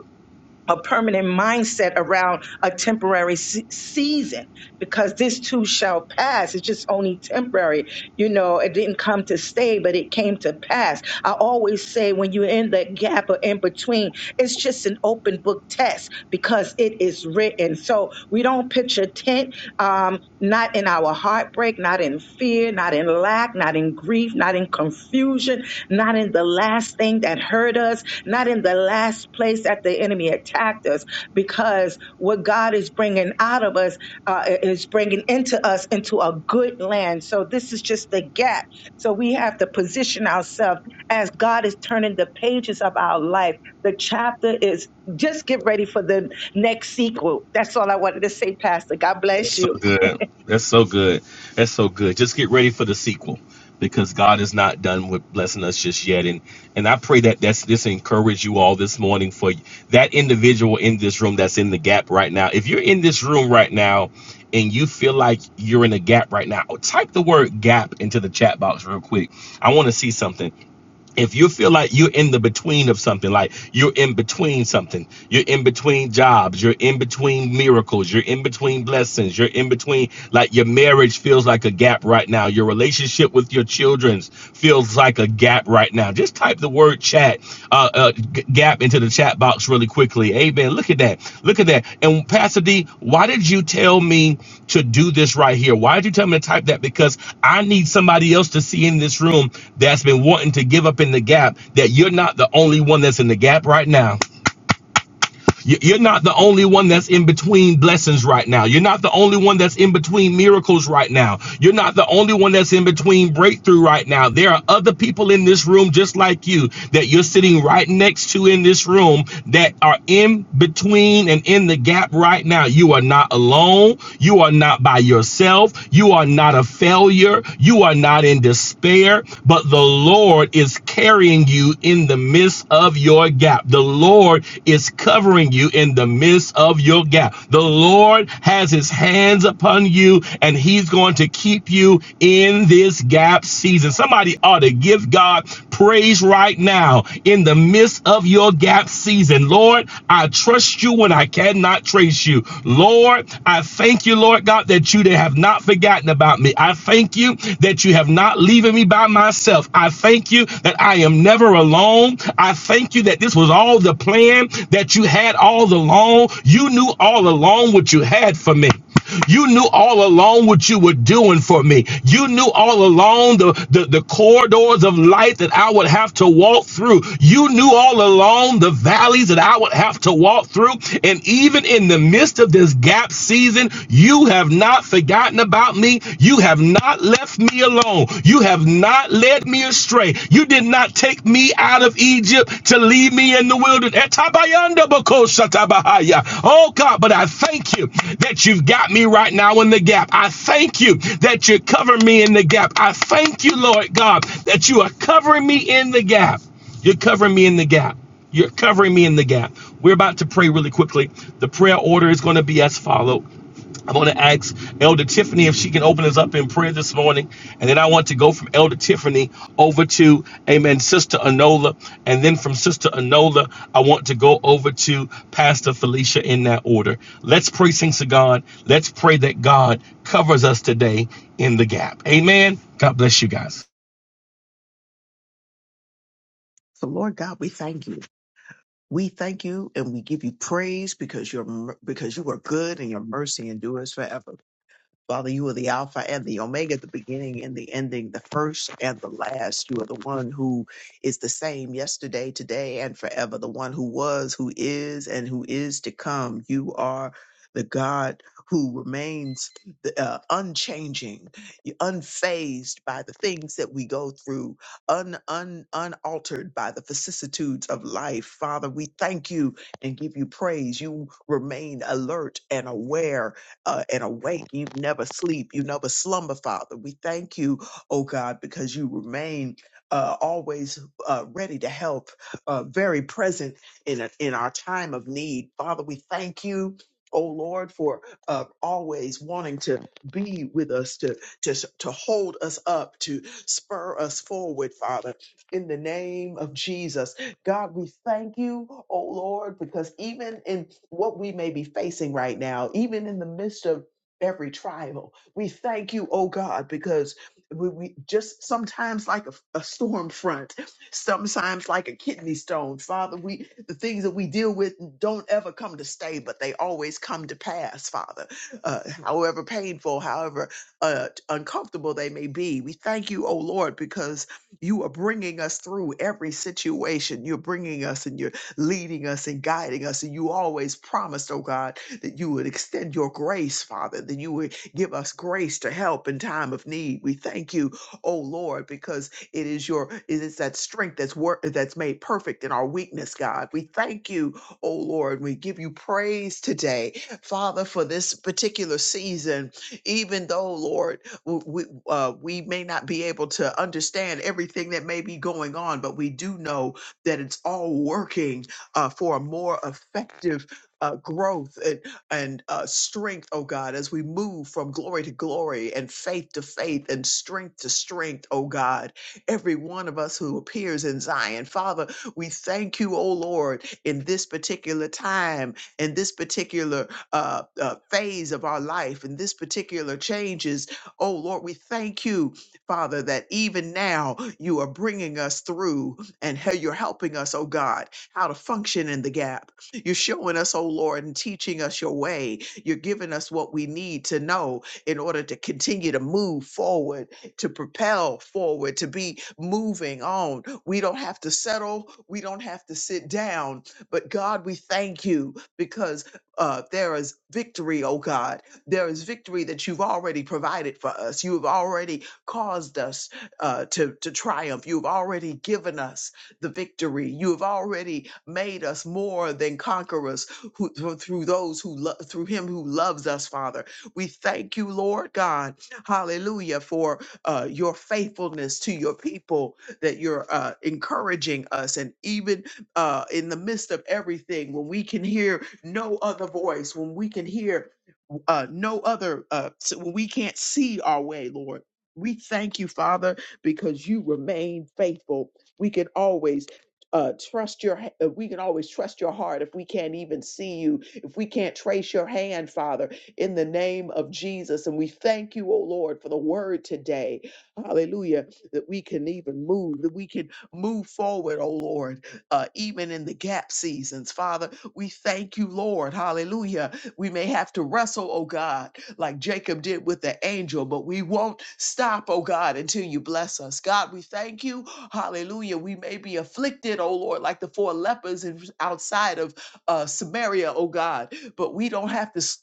a permanent mindset around a temporary se- season because this too shall pass. It's just only temporary. You know, it didn't come to stay, but it came to pass. I always say when you're in that gap or in between, it's just an open book test because it is written. So we don't picture tent, um, not in our heartbreak, not in fear, not in lack, not in grief, not in confusion, not in the last thing that hurt us not in the last place that the enemy attacked us, because what God is bringing out of us uh, is bringing into us into a good land. So this is just the gap. So we have to position ourselves as God is turning the pages of our life. The chapter is just get ready for the next sequel. That's all I wanted to say, Pastor. God
That's
bless
so
you.
good. That's so good. That's so good. Just get ready for the sequel because God is not done with blessing us just yet. And and I pray that that's this encourage you all this morning for that individual in this room that's in the gap right now. If you're in this room right now and you feel like you're in a gap right now, type the word gap into the chat box real quick. I want to see something if you feel like you're in the between of something, like you're in between something, you're in between jobs, you're in between miracles, you're in between blessings, you're in between, like your marriage feels like a gap right now, your relationship with your children feels like a gap right now. Just type the word chat uh, uh, G- Gap into the chat box really quickly. Amen. Look at that. Look at that. And Pastor D, why did you tell me to do this right here? Why did you tell me to type that? Because I need somebody else to see in this room that's been wanting to give up in the gap that you're not the only one that's in the gap right now. You- You're not the only one that's in between blessings right now. You're not the only one that's in between miracles right now. You're not the only one that's in between breakthrough right now. There are other people in this room just like you that you're sitting right next to in this room that are in between and in the gap right now. You are not alone. You are not by yourself. You are not a failure. You are not in despair, but the Lord is carrying you in the midst midst of your gap. The Lord is covering you in the midst of your gap. The Lord has his hands upon you and he's going to keep you in this gap season. Somebody ought to give God praise right now in the midst of your gap season. Lord, I trust you when I cannot trace you. Lord, I thank you, Lord God, that you have not forgotten about me. I thank you that you have not leaving me by myself myself. I thank you that I am never alone. I thank you that this was all the plan that you had all along. You knew all along what you had for me. You knew all along what you were doing for me. You knew all along the, the, the corridors of life that I would have to walk through. You knew all along the valleys that I would have to walk through. And even in the midst of this gap season, you have not forgotten about me. You have have not left me alone. You have not led me astray. You did not take me out of Egypt to leave me in the wilderness. Oh God, but I thank you that you've got me right now in the gap. I thank you that you cover me in the gap. I thank you, Lord God, that you are covering me in the gap. You're covering me in the gap. You're covering me in the gap. We're about to pray really quickly. The prayer order is going to be as follows. I'm going to ask Elder Tiffany if she can open us up in prayer this morning. And then I want to go from Elder Tiffany over to, amen, Sister Anola. And then from Sister Anola, I want to go over to Pastor Felicia in that order. Let's pray things to God. Let's pray that God covers us today in the gap. Amen. God bless you guys.
So Lord God, we thank you. We thank you and we give you praise because you're because you are good and your mercy endures forever. Father, you are the Alpha and the Omega, the beginning and the ending, the first and the last. You are the one who is the same yesterday, today, and forever, the one who was, who is, and who is to come. You are the God who remains uh, unchanging, unfazed by the things that we go through, un, un, unaltered by the vicissitudes of life. Father, we thank you and give you praise. You remain alert and aware uh, and awake. You never sleep. You never slumber, Father. We thank you, oh God, because you remain uh, always uh, ready to help, uh, very present in, a, in our time of need. Father, we thank you. Oh Lord, for uh, always wanting to be with us, to to to hold us up, to spur us forward, Father. In the name of Jesus, God, we thank you, oh Lord, because even in what we may be facing right now, even in the midst of every trial, we thank you, oh God, because we, we just sometimes like a, a storm front, sometimes like a kidney stone. Father, we the things that we deal with don't ever come to stay, but they always come to pass, Father. Uh, however painful, however uh, uncomfortable they may be, we thank you, oh Lord, because you are bringing us through every situation. You're bringing us and you're leading us and guiding us. And you always promised, oh God, that you would extend your grace, Father, that you would give us grace to help in time of need. We thank you, oh Lord, because it is your it is that strength that's work that's made perfect in our weakness, God. We thank you, oh Lord. We give you praise today, Father, for this particular season. Even though, Lord w- we, uh, we may not be able to understand everything that may be going on, but we do know that it's all working uh, for a more effective uh, growth and, and uh, strength, oh God, as we move from glory to glory and faith to faith and strength to strength, oh God. Every one of us who appears in Zion, Father, we thank you, oh Lord, in this particular time, in this particular uh, uh, phase of our life, in this particular changes Oh, Lord, we thank you, Father, that even now you are bringing us through and how you're helping us, oh God, how to function in the gap. You're showing us, oh Lord, and teaching us your way. You're giving us what we need to know in order to continue to move forward, to propel forward, to be moving on. We don't have to settle, we don't have to sit down. But God, we thank you because uh, there is victory, oh God there is victory that you've already provided for us. You have already caused us uh, to, to triumph. You have already given us the victory. You have already made us more than conquerors who, through through those who lo- through Him who loves us, Father. We thank you, Lord God, Hallelujah, for uh, your faithfulness to your people. That you're uh, encouraging us, and even uh, in the midst of everything, when we can hear no other voice, when we can hear uh, no other, uh, s- when we can't see our way, Lord. We thank you, Father, because you remain faithful. We can always uh, trust your. ha- uh, We can always trust your heart if we can't even see you, if we can't trace your hand, Father, in the name of Jesus. And we thank you, O Lord, for the word today. Hallelujah, that we can even move, that we can move forward, O Lord, uh, even in the gap seasons, Father. We thank you, Lord. Hallelujah we may have to wrestle, oh God, like Jacob did with the angel, but we won't stop, oh God, until you bless us. God, we thank you. Hallelujah. We may be afflicted, oh Lord, like the four lepers in, outside of uh, Samaria, oh God, but we don't have to stop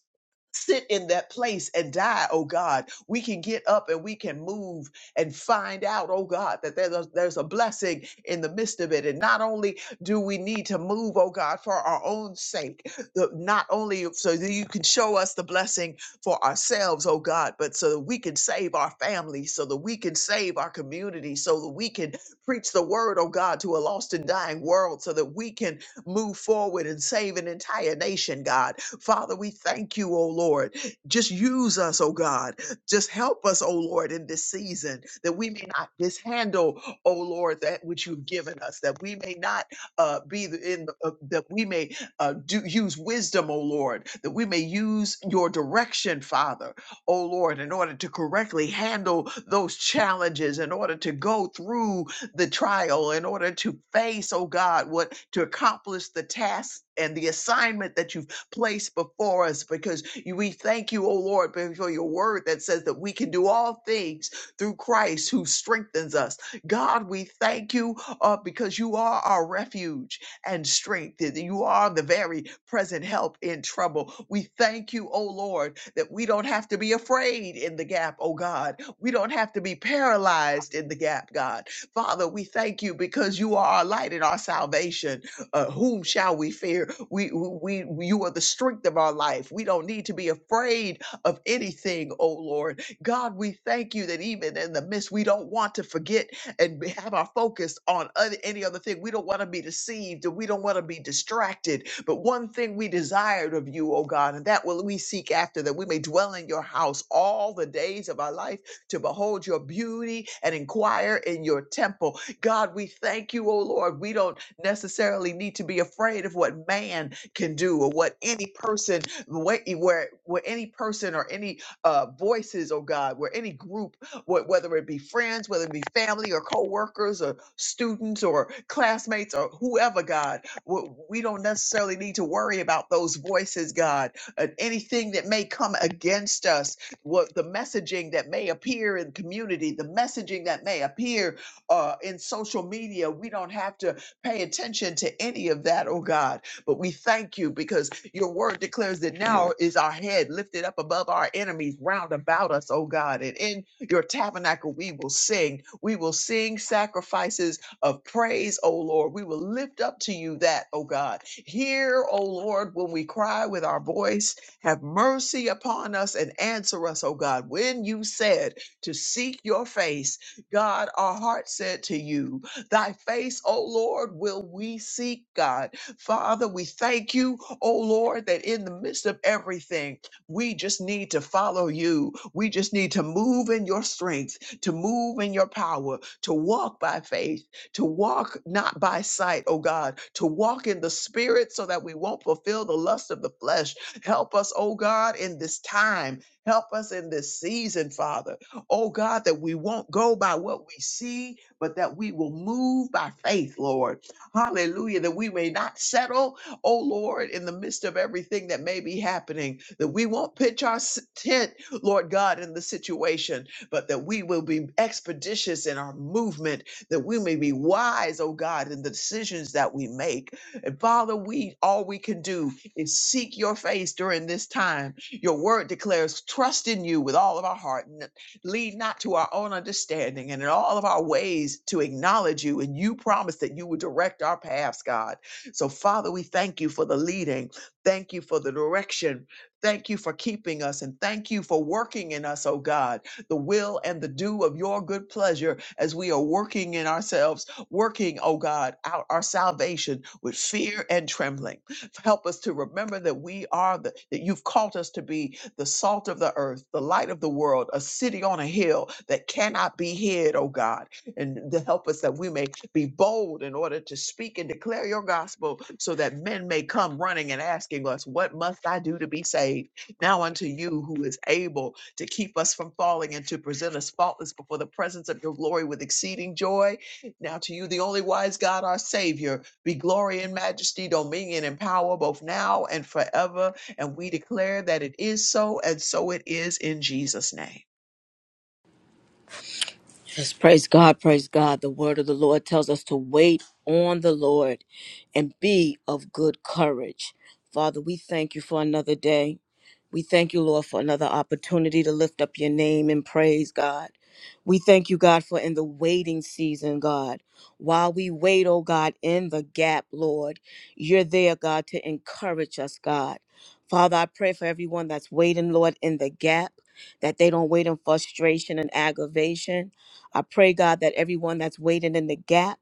sit in that place and die, oh God. We can get up and we can move and find out, oh God, that there's a, there's a blessing in the midst of it. And not only do we need to move, oh God, for our own sake, the, not only so that you can show us the blessing for ourselves, oh God, but so that we can save our family, so that we can save our community, so that we can preach the word, oh God, to a lost and dying world, so that we can move forward and save an entire nation, God. Father, we thank you, oh Lord. Just use us, oh God. Just help us, oh Lord, in this season that we may not mishandle, oh Lord, that which you've given us, that we may not uh, be the- in, the- uh, that we may uh, do, use wisdom, oh Lord, that we may use your direction, Father, oh Lord, in order to correctly handle those challenges, in order to go through the trial, in order to face, oh God, what to accomplish the task and the assignment that you've Place before us because you- we thank you, O Lord, for your word that says that we can do all things through Christ who strengthens us. God, we thank you uh, because you are our refuge and strength. that You are the very present help in trouble. We thank you, O Lord, that we don't have to be afraid in the gap, O God. We don't have to be paralyzed in the gap, God. Father, we thank you because you are our light and our salvation. Uh, whom shall we fear? We, we, we, you are the strength of our life. We don't need to be afraid of anything, oh Lord. God, we thank you that even in the midst, we don't want to forget and be- have our focus on other, any other thing. We don't want to be deceived and we don't want to be distracted. But one thing we desired of you, oh God, and that will we seek after, that we may dwell in your house all the days of our life to behold your beauty and inquire in your temple. God, we thank you, oh Lord. We don't necessarily need to be afraid of what man can do or what any person, where, where, where any person or any uh, voices, oh God, where any group, wh- whether it be friends, whether it be family or co-workers or students or classmates or whoever, God, w- we don't necessarily need to worry about those voices, God, and anything that may come against us, what the messaging that may appear in community, the messaging that may appear uh, in social media. We don't have to pay attention to any of that, oh God. But we thank you because your word declares that now is our head lifted up above our enemies round about us, oh God. And in your tabernacle, we will sing. We will sing sacrifices of praise, oh Lord. We will lift up to you that, oh God. Hear, oh Lord, when we cry with our voice, have mercy upon us and answer us, oh God. When you said to seek your face, God, our heart said to you, Thy face, O Lord, will we seek, God. Father, we thank you, O Lord, that in the midst of everything, we just need to follow you. We just need to move in your strength, to move in your power, to walk by faith, to walk not by sight, oh God, to walk in the spirit so that we won't fulfill the lust of the flesh. Help us, oh God, in this time. Help us in this season, Father. Oh God, that we won't go by what we see, but that we will move by faith, Lord. Hallelujah. That we may not settle, oh Lord, in the midst of everything that may be happening, that we won't pitch our s- tent, Lord God, in the situation, but that we will be expeditious in our movement, that we may be wise, oh God, in the decisions that we make. And Father, we all we can do is seek your face during this time. Your word declares trust in you with all of our heart lead not to our own understanding and in all of our ways to acknowledge you. And you promised that you would direct our paths, God. So, Father, we thank you for the leading. Thank you for the direction. Thank you for keeping us and thank you for working in us, oh God, the will and the do of your good pleasure as we are working in ourselves, working, oh God, out our salvation with fear and trembling. Help us to remember that we are the, that you've called us to be the salt of the earth, the light of the world, a city on a hill that cannot be hid, oh God. And to help us that we may be bold in order to speak and declare your gospel so that men may come running and asking us, What must I do to be saved? Now unto you who is able to keep us from falling and to present us faultless before the presence of your glory with exceeding joy. Now to you, the only wise God, our Savior, be glory and majesty, dominion and power, both now and forever. And we declare that it is so, and so it is in Jesus' name.
Yes, praise God, praise God. The word of the Lord tells us to wait on the Lord and be of good courage. Father, we thank you for another day. We thank you, Lord, for another opportunity to lift up your name and praise, God. We thank you, God, for in the waiting season, God. While we wait, oh God, in the gap, Lord, you're there, God, to encourage us, God. Father, I pray for everyone that's waiting, Lord, in the gap, that they don't wait in frustration and aggravation. I pray, God, that everyone that's waiting in the gap,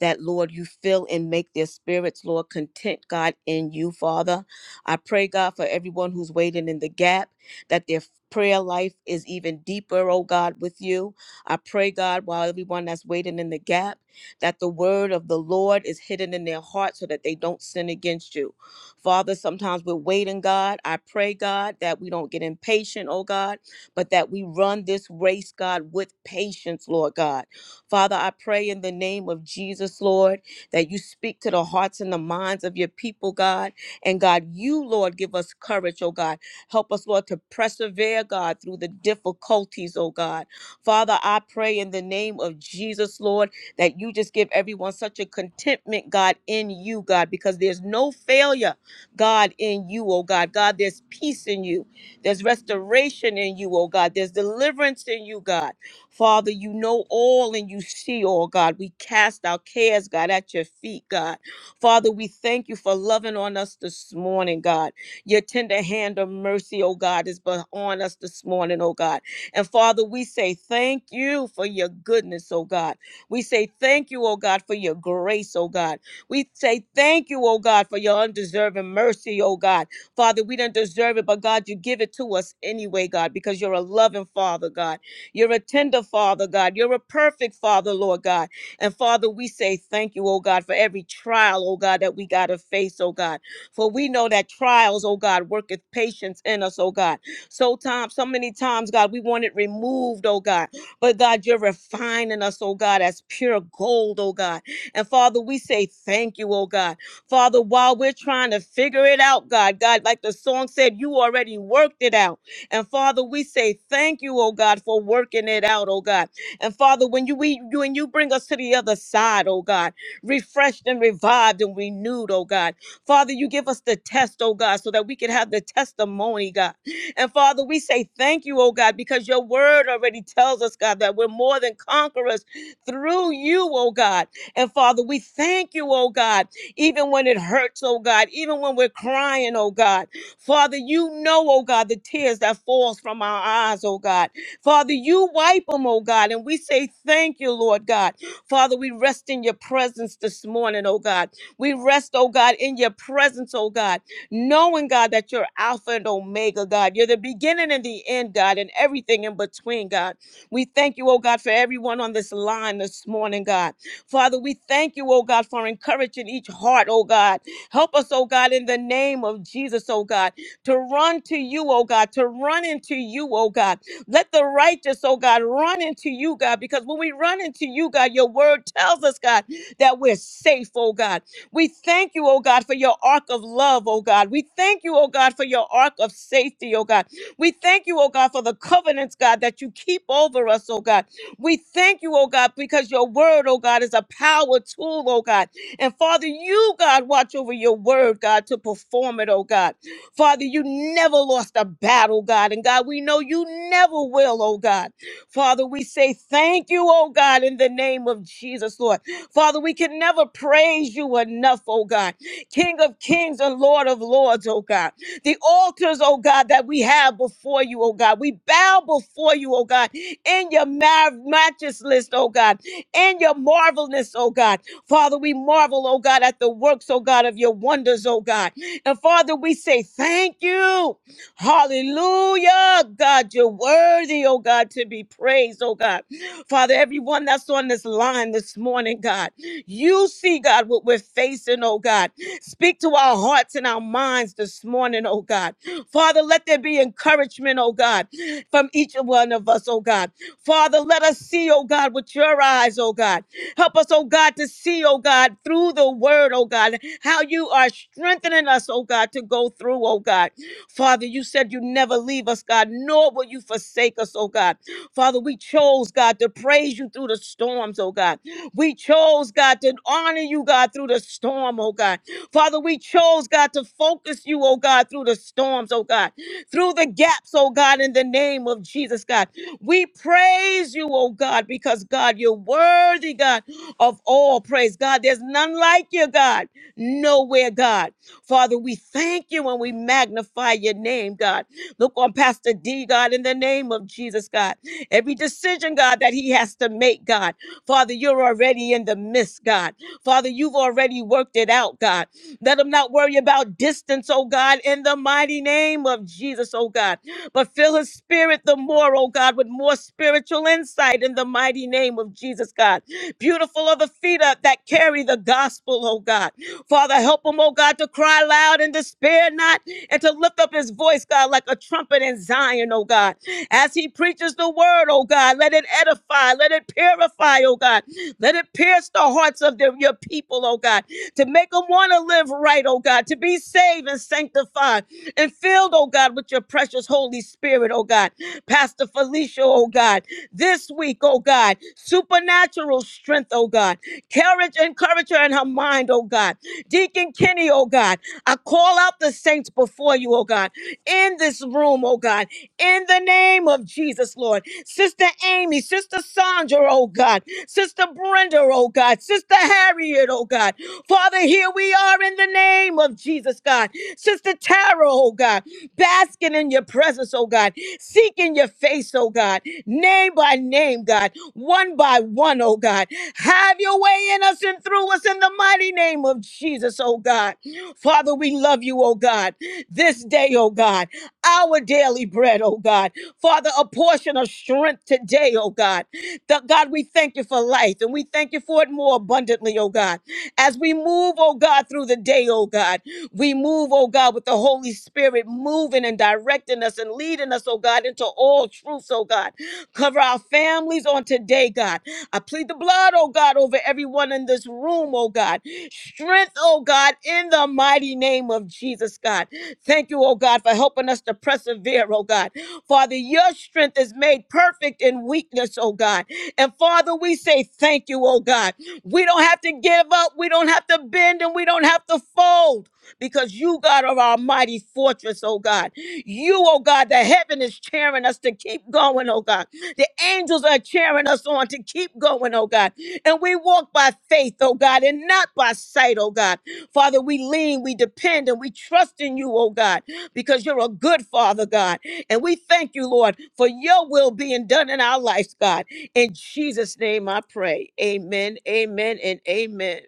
that, Lord, you fill and make their spirits, Lord, content, God, in you, Father. I pray, God, for everyone who's waiting in the gap, that their prayer life is even deeper, oh God, with you. I pray, God, while everyone that's waiting in the gap, that the word of the Lord is hidden in their heart so that they don't sin against you. Father, sometimes we're waiting, God. I pray, God, that we don't get impatient, oh God, but that we run this race, God, with patience, Lord God. Father, I pray in the name of Jesus, Lord, that you speak to the hearts and the minds of your people, God and God, you, Lord, give us courage, oh God. Help us, Lord, to persevere, God, through the difficulties, oh God. Father, I pray in the name of Jesus, Lord, that you just give everyone such a contentment, God, in you, God, because there's no failure, God, in you, oh God. God, there's peace in you. There's restoration in you, oh God. There's deliverance in you, God. Father, you know all and you see all, God. We cast our cares, God, at your feet, God. Father, we thank you for loving on us this morning, God. Your tender hand of mercy, oh God, is on us this morning, oh God. And Father, we say thank you for your goodness, oh God. We say thank you, oh God, for your grace, oh God. We say thank you, oh God, for your undeserving mercy, oh God. Father, we do not deserve it, but God, you give it to us anyway, God, because you're a loving Father, God. You're a tender Father, God. You're a perfect Father, Lord God. And Father, we say thank you, oh God, for every trial, oh God, that we got to face, oh God. For we know that trials, oh God, worketh patience in us, oh God. So time, so many times, God, we want it removed, oh God. But God, you're refining us, oh God, as pure gold, oh God. And Father, we say thank you, oh God. Father, while we're trying to figure it out, God, God, like the song said, you already worked it out. And Father, we say thank you, oh God, for working it out, oh God. And Father, when you we when you bring us to the other side, oh God, refreshed and revived and renewed, oh God. Father, you give us the test, oh God, so that we can have the testimony, God. And Father, we say thank you, oh God, because your word already tells us, God, that we're more than conquerors through you, oh God. And Father, we thank you, oh God, even when it hurts, oh God, even when we're crying, oh God. Father, you know, oh God, the tears that falls from our eyes, oh God. Father, you wipe them, oh God, and we say thank you, Lord God. Father, we rest in your presence this morning, oh God. We rest, oh God, in your presence, oh God, knowing, God, that you're Alpha and Omega, God. You're the beginning and the end, God, and everything in between, God. We thank you, oh God, for everyone on this line this morning, God. Father, we thank you, oh God, for encouraging each heart, oh God. Help us, oh God, in the name of Jesus, oh God, to run to you, oh God, to run into you, oh God let the righteous, oh God, run into you, God, because when we run into you, God, your word tells us, God, that we're safe, oh God. We thank you, oh God, for your ark of love, oh God. We thank you, oh God, for your ark of safety, oh God. We thank you, oh God, for the covenants, God, that you keep over us, oh God. We thank you, oh God, because your word, oh God, is a power tool, oh God. And Father, you, God, watch over your word, God, to perform it, oh God. Father, you never lost a battle, God. And God, we know you never will, oh God. Father, we say thank you, oh God, in the name of Jesus, Lord. Father, we can never praise you enough, oh God. King of kings and Lord of lords, oh God. The altars, oh God, that we have before you, oh God. We bow before you, oh God, in your ma- matchlessness, oh God, in your marvelness, oh God. Father, we marvel, oh God, at the works, oh God, of your wonders, oh God. And Father, we say thank you. Hallelujah. God, you're worthy, oh God, to be praised, oh God. Father, everyone that's on this line this morning, God, you see, God, what we're facing, oh God. Speak to our hearts and our minds this morning, oh God. Father, let there be encouragement, oh God, from each one of us, oh God. Father, let us see, oh God, with your eyes, oh God. Help us, oh God, to see, oh God, through the word, oh God, how you are strengthening us, oh God, to go through, oh God. Father, you said you never leave us, God, nor will you forsake us, oh God. Father, we chose, God, to praise you through the storms, oh God. We chose, God, to honor you, God, through the storm, oh God. Father, we chose, God, to focus you, oh God, through the storms, oh God, through the gaps, oh God, in the name of Jesus, God. We praise you, oh God, because God, you're worthy, God of all. Praise God. There's none like you, God. Nowhere, God. Father, we thank you and we magnify your name, God. Look on Pastor D, God, in the name of Jesus, God. Every decision, God, that he has to make, God. Father, you're already in the midst, God. Father, you've already worked it out, God. Let him not worry about distance, oh God, in the mighty name of Jesus, oh God. But fill his spirit the more, oh God, with more spiritual insight in the mighty name of Jesus, God. Beautiful are the feet up that carry the gospel, oh God. Father, help him, oh God, to cry loud and despair not and to lift up his voice, God, like a trumpet in Zion, oh God. As he preaches the word, oh God, let it edify, let it purify, oh God. Let it pierce the hearts of the- your people, oh God, to make them want to live right, oh God, to be saved and sanctified and filled, oh God, with your precious Holy Spirit, oh God. Pastor Felicia, oh God this week, oh God. Supernatural strength, oh God. Courage and courage in her mind, oh God. Deacon Kenny, oh God. I call out the saints before you, oh God, in this room, oh God, in the name of Jesus, Lord. Sister Amy, Sister Sandra, oh God. Sister Brenda, oh God. Sister Harriet, oh God. Father, here we are in the name of Jesus, God. Sister Tara, oh God, basking in your presence, oh God, seeking your face, oh God name by name, God, one by one, oh God. Have your way in us and through us in the mighty name of Jesus, oh God. Father, we love you, oh God. This day, oh God, our daily bread, oh God. Father, a portion of strength today, oh God. That God, we thank you for life and we thank you for it more abundantly, oh God. As we move, oh God, through the day, oh God, we move, oh God, with the Holy Spirit moving and directing us and leading us, oh God, into all truths, oh God. Cover our families on today, God. I plead the blood, oh God, over everyone in this room, oh God. Strength, oh God, in the mighty name of Jesus, God. Thank you, oh God, for helping us to persevere, oh God. Father, your strength is made perfect in weakness, oh God. And Father, we say thank you, oh God. We don't have to give up, we don't have to bend, and we don't have to fold because you, God, are our mighty fortress, oh God. You, oh God, the heaven is cheering us to keep going, oh God. The angels are cheering us on to keep going, oh God. And we walk by faith, oh God, and not by sight, oh God. Father, we lean, we depend, and we trust in you, oh God, because you're a good Father, God. And we thank you, Lord, for your will being done in our lives, God. In Jesus' name I pray. Amen, amen, and amen.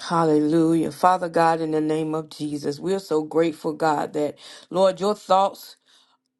Hallelujah. Father God, in the name of Jesus, we are so grateful, God, that, Lord, your thoughts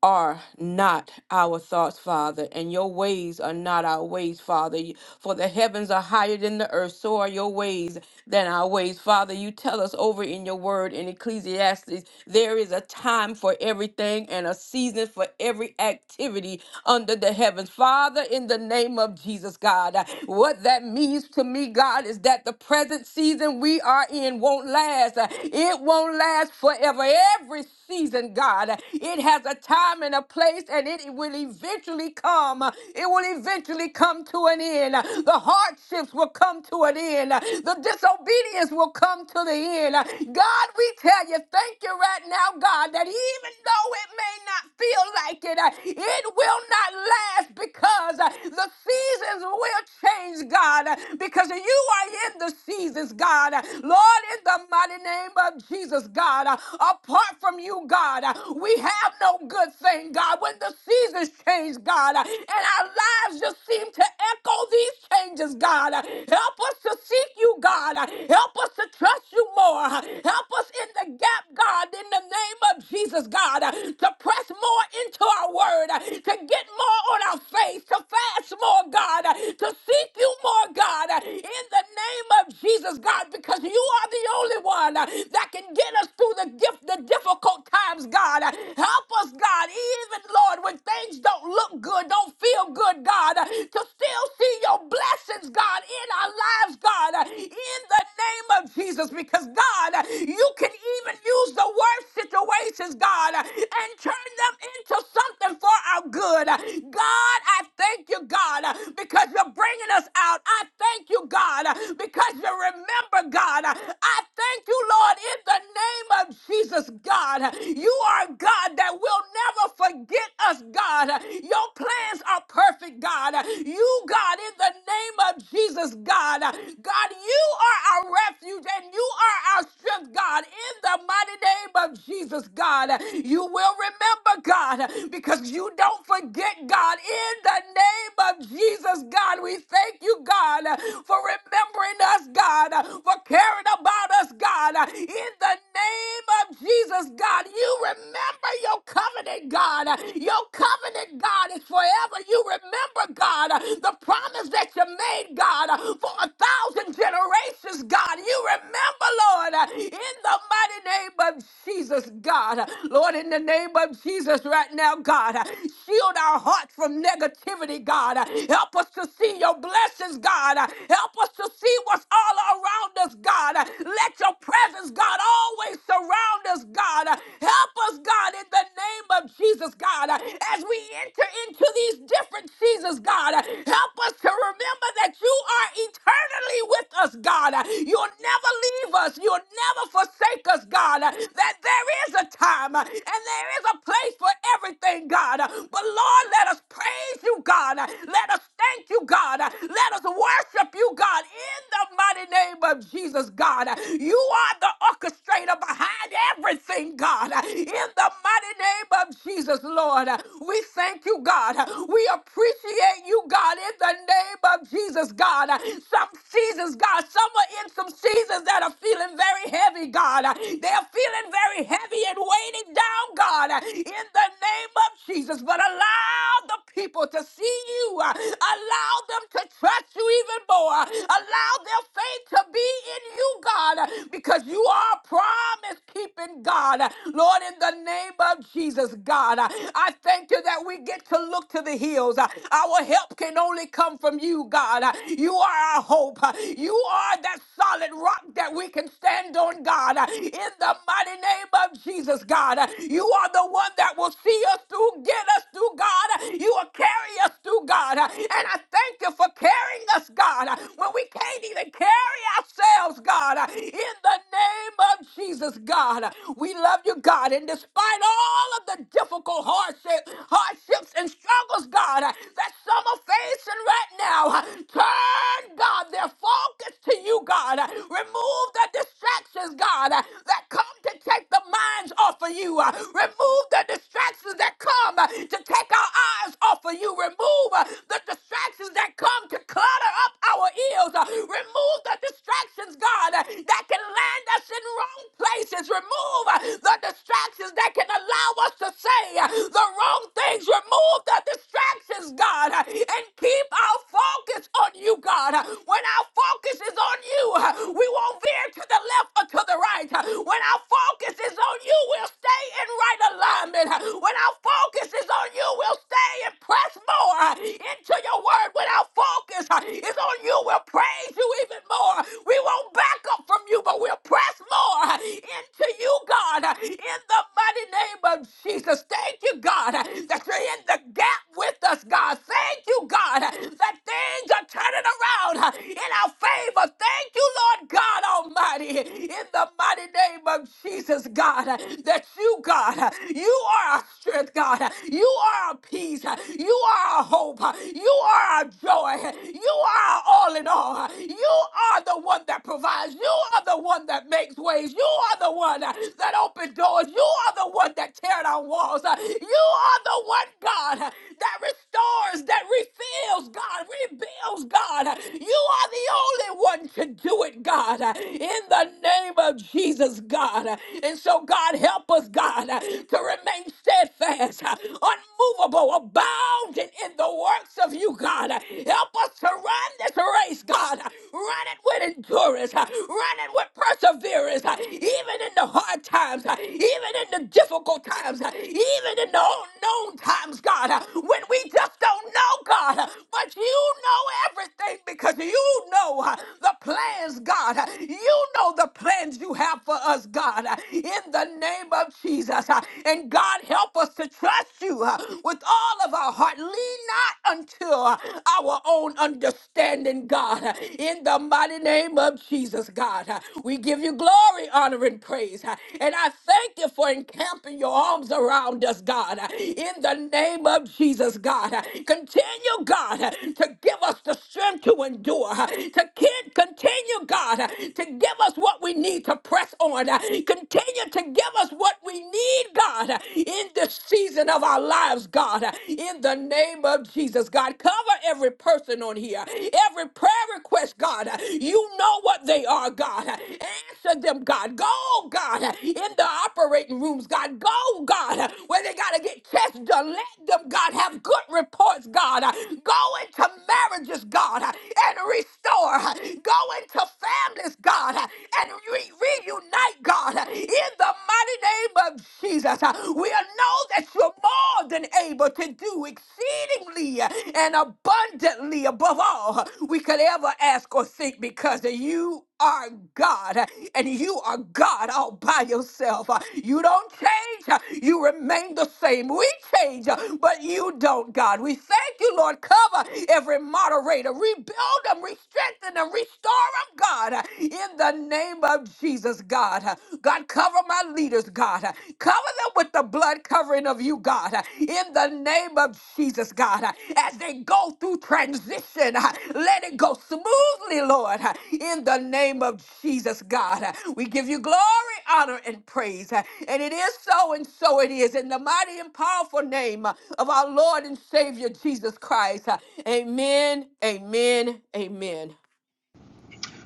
are not our thoughts, Father, and your ways are not our ways, Father. You- For the heavens are higher than the earth, so are your ways than our ways, Father. You tell us over in your word in Ecclesiastes there is a time for everything and a season for every activity under the heavens, Father. In the name of Jesus, God, uh, what that means to me, God, is that the present season we are in won't last, Uh, it won't last forever. Every season, God. God. It has a time and a place, and it will eventually come. It will eventually come to an end. The hardships will come to an end. The disobedience will come to the end. God, we tell you, thank you right now, God, that even though it may not feel like it, it will not last because the seasons will change, God, because you are in the seasons, God. Lord, in the mighty name of Jesus, God, apart apart from you, God, uh, we have no good thing, God. When the seasons change, God, uh, and our lives just seem to echo these changes, God, uh, help us to seek you, God. uh, Help us to trust you more. uh, Help us in the gap, God, in the name of Jesus, God, uh, to press more into our word, uh, to get more on our faith, to fast more, God, uh, to seek you more, God, uh, in the name of Jesus, God, because you are the only one uh, that can give get us through the gift, the difficult times, God. Help us, God, even Lord, when things don't look good, don't feel good, God, to still see your blessings, God, in our lives, God, in the name of Jesus. Because God, you can even use the worst situations, God, and turn them into something for our good. God, I thank you, God, because you're bringing us out. I thank you, God, because you remember, God. I Thank you, Lord, in the name of Jesus, God. You are God that will never forget us, God. Your plans are perfect, God. You, God, in the name of Jesus, God. God, you are our refuge and you are our strength, God, in the mighty name of Jesus, God. You will remember, God, because you don't forget, God, in the name of Jesus, God. We thank thank you, God, for remembering us, God, for caring about us, God. In the name of Jesus, God, you remember your covenant, God. Your covenant, God, is forever. You remember, God, the promise that you made, God, for a thousand generations, God. You remember, Lord, in the mighty name of Jesus, God. Lord, in the name of Jesus, right now, God, shield our hearts from negativity, God. Help us to see your your blessings, God. Help us to see what's all around us, God. Let your presence, God, always surround us, God. Help us, God, in the name of Jesus, God, as we enter into these different seasons, God. Help us to remember that you are eternally with us, God. You'll never leave us, you'll never forsake us, God. That there is a time and there is a place for everything, God. But Lord, let us praise you, God. Let let us thank you, God. Let us worship you, God, in the mighty name of Jesus, God. You are the orchestrator behind everything, God. In the mighty name of Jesus, Lord, we thank you, God. We appreciate you, God, in the name of Jesus, God. Some seasons, God, some are in some seasons that are feeling very heavy, God. They're are feeling very heavy and weighted down, God, uh, in the name of Jesus. But allow the people to see you, uh, allow them to trust you even more, allow their faith to be in you, God, uh, because you are a promise keeping God. Lord, in the name of Jesus, God, uh, I thank you that we get to look to the hills. Uh, Our help can only come from you, God. Uh, You are our hope, Uh, you are that solid solid rock that we can stand on, God. In the mighty name of Jesus, God. You are the one that will see us through, get us through, God. You will carry us through, God. And I thank you for carrying us, God, when we can't even carry ourselves, God. In the name name of Jesus, God. We love you, God. And despite all of the difficult hardship, hardships and struggles, God, that some are facing right now, turn, God, their focus to you, God. Remove the distractions, God, that come to take the minds off of you. Remove the distractions that come to take our eyes off of you. Remove the distractions that come to clutter up our ears. Remove the distractions distractions, God, uh, that can land us in wrong places. Remove uh, the distractions that can allow us to say uh, the wrong things. Remove the distractions, God, uh, and keep our focus on you, God. Uh, When our focus is on you, uh, we won't veer to the left or to the right. Uh, When our focus is on you, we'll stay in right alignment. Uh, When our focus is on you, we'll stay and press more uh, into your word. When our focus uh, is on you, you. We'll praise you even more. We won't back up from you, but we'll press more into you, God, in the mighty name of Jesus. Thank you, God, that you're in the gap with us, God. Thank you, God, that things are turning around in our favor. Thank you, Lord God Almighty, in the mighty name of Jesus, God, that you, God, you are our strength, God. You are our peace. You are our hope. You are are our joy. You are our all in all. You are the one that provides. You are the one that makes ways. You are the one uh, that opens doors. You are the one that tear down walls. Uh, You are the one, God, uh, that restores, that refills, God, rebuilds, God. Uh, You are the only one to do it, God, uh, in the name of Jesus, God. Uh, And so, God, help us, God, uh, to remain steadfast, uh, unmovable, abounding involved in the works of you, God. Help us to run this race, God. Run it with endurance, run it with perseverance, even in the hard times, even in the difficult times, even in the unknown times, God, when we just don't know, God. But you you know everything because you know uh, the plans, God. Uh, You know the plans you have for us, God, uh, in the name of Jesus. Uh, And God, help us to trust you uh, with all of our heart. Lean not unto uh, our own understanding, God, Uh, in the mighty name of Jesus, God. uh, We give you glory, honor, and praise. Uh, And I thank you for encamping your arms arms around us, God. In the name of Jesus, God. Continue, God, to give us the strength to endure, to kin- continue, God, to give us what we need to press on. Continue to give us what we need, God, in this season of our lives, God. In the name of Jesus, God, cover every person on here, every prayer request, God. You know what they are, God. Answer them, God. Go, God, in the operating rooms, God. Go, God, where they got to get tests done. Let them, God, have good reports, God. Go into marriages, God, and restore. Go into families, God, and re- reunite, God, in the mighty name of Jesus. We'll know that you're more than able to do exceedingly exceedingly and abundantly above all we could ever ask or think because you are God and you are God all by yourself. You don't change, you remain the same. We change, but you don't, God. We thank you, Lord. Cover every moderator, rebuild them, re-strengthen them, restore them, God, in the name of Jesus, God. God, cover my leaders, God. Cover them with the blood covering of you, God, in the name of Jesus, God. As they go through transition, let it go smoothly, Lord, in the name of Jesus, God. We give you glory, honor, and praise. And it is so, and so it is, in the mighty and powerful name of our Lord and Savior, Jesus Christ. Amen, amen, amen.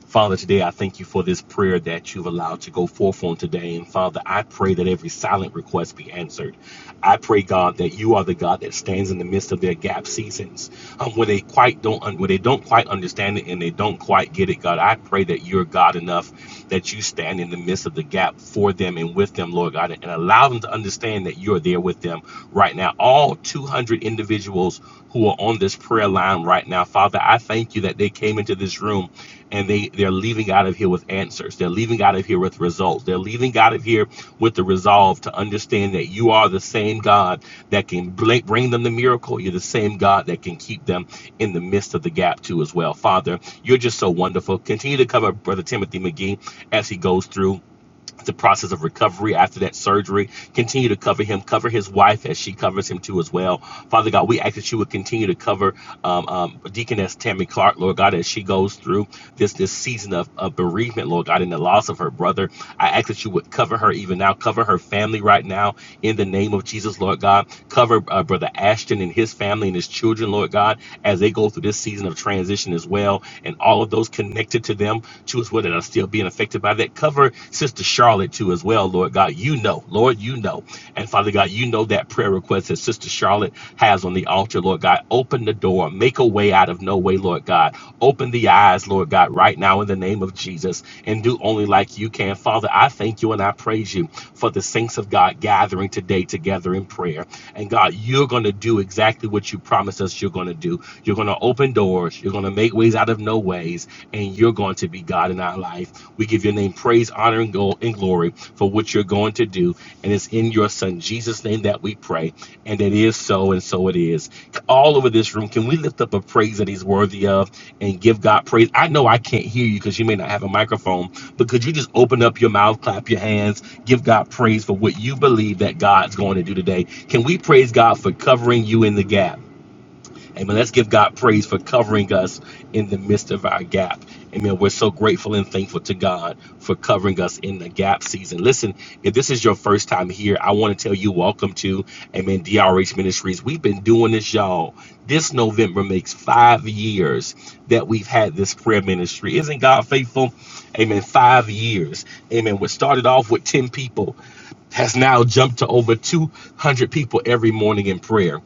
Father, today I thank you for this prayer that you've allowed to go forth on today. And Father, I pray that every silent request be answered. I pray, God, that you are the God that stands in the midst of their gap seasons. Um, when they quite don't un- when they don't quite understand it and they don't quite get it, God, I pray that you're God enough that you stand in the midst of the gap for them and with them, Lord God, and allow them to understand that you're there with them right now. All 200 individuals who are on this prayer line right now, Father, I thank you that they came into this room and they they're leaving out of here with answers they're leaving out of here with results they're leaving out of here with the resolve to understand that you are the same god that can bring them the miracle you're the same god that can keep them in the midst of the gap too as well father you're just so wonderful continue to cover brother timothy mcgee as he goes through the process of recovery after that surgery. Continue to cover him, cover his wife as she covers him too as well. Father God, we ask that you would continue to cover um, um, Deaconess Tammy Clark, Lord God, as she goes through this this season of, of bereavement, Lord God, and the loss of her brother. I ask that you would cover her even now, cover her family right now in the name of Jesus, Lord God. Cover uh, Brother Ashton and his family and his children, Lord God, as they go through this season of transition as well, and all of those connected to them choose whether that are still being affected by that. Cover Sister Charlotte too as well, Lord God. You know, Lord, you know. And Father God, you know that prayer request that Sister Charlotte has on the altar, Lord God. Open the door, make a way out of no way, Lord God. Open the eyes, Lord God, right now in the name of Jesus, and do only like you can. Father, I thank you and I praise you for the saints of God gathering today together in prayer. And God, you're going to do exactly what you promised us you're going to do. You're going to open doors. You're going to make ways out of no ways, and you're going to be God in our life. We give your name praise, honor, and, go- and glory for what you're going to do. And it's in your Son, Jesus' name, that we pray. And it is so, and so it is. All over this room, can we lift up a praise that He's worthy of and give God praise? I know I can't hear you because you may not have a microphone, but could you just open up your mouth, clap your hands, give God praise for what you believe that God's going to do today? Can we praise God for covering you in the gap? Amen. Let's give God praise for covering us in the midst of our gap. Amen. We're so grateful and thankful to God for covering us in the gap season. Listen, if this is your first time here, I want to tell you welcome to Amen DRH Ministries. We've been doing this, y'all. This November makes five years that we've had this prayer ministry. Isn't God faithful? Amen. Five years. Amen. We started off with 10 people has now jumped to over 200 people every morning in prayer.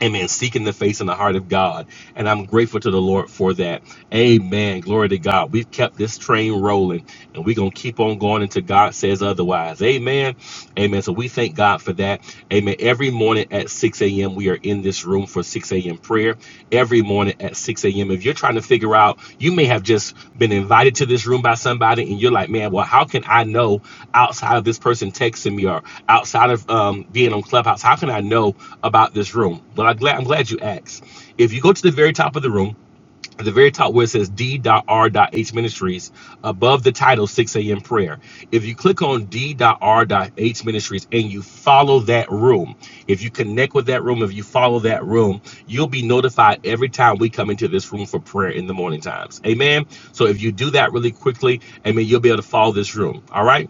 Amen. Seeking the face and the heart of God. And I'm grateful to the Lord for that. Amen. Glory to God. We've kept this train rolling and we're going to keep on going until God says otherwise. Amen. Amen. So we thank God for that. Amen. Every morning at 6 a.m., we are in this room for 6 a.m. prayer here every morning at 6 a.m. If you're trying to figure out, you may have just been invited to this room by somebody and you're like, man, well, how can I know outside of this person texting me or outside of um, being on Clubhouse? How can I know about this room? Well, I'm glad, I'm glad you asked. If you go to the very top of the room, at the very top where it says d.r.h ministries above the title 6 a.m prayer if you click on d.r.h ministries and you follow that room if you connect with that room if you follow that room you'll be notified every time we come into this room for prayer in the morning times amen so if you do that really quickly amen you'll be able to follow this room all right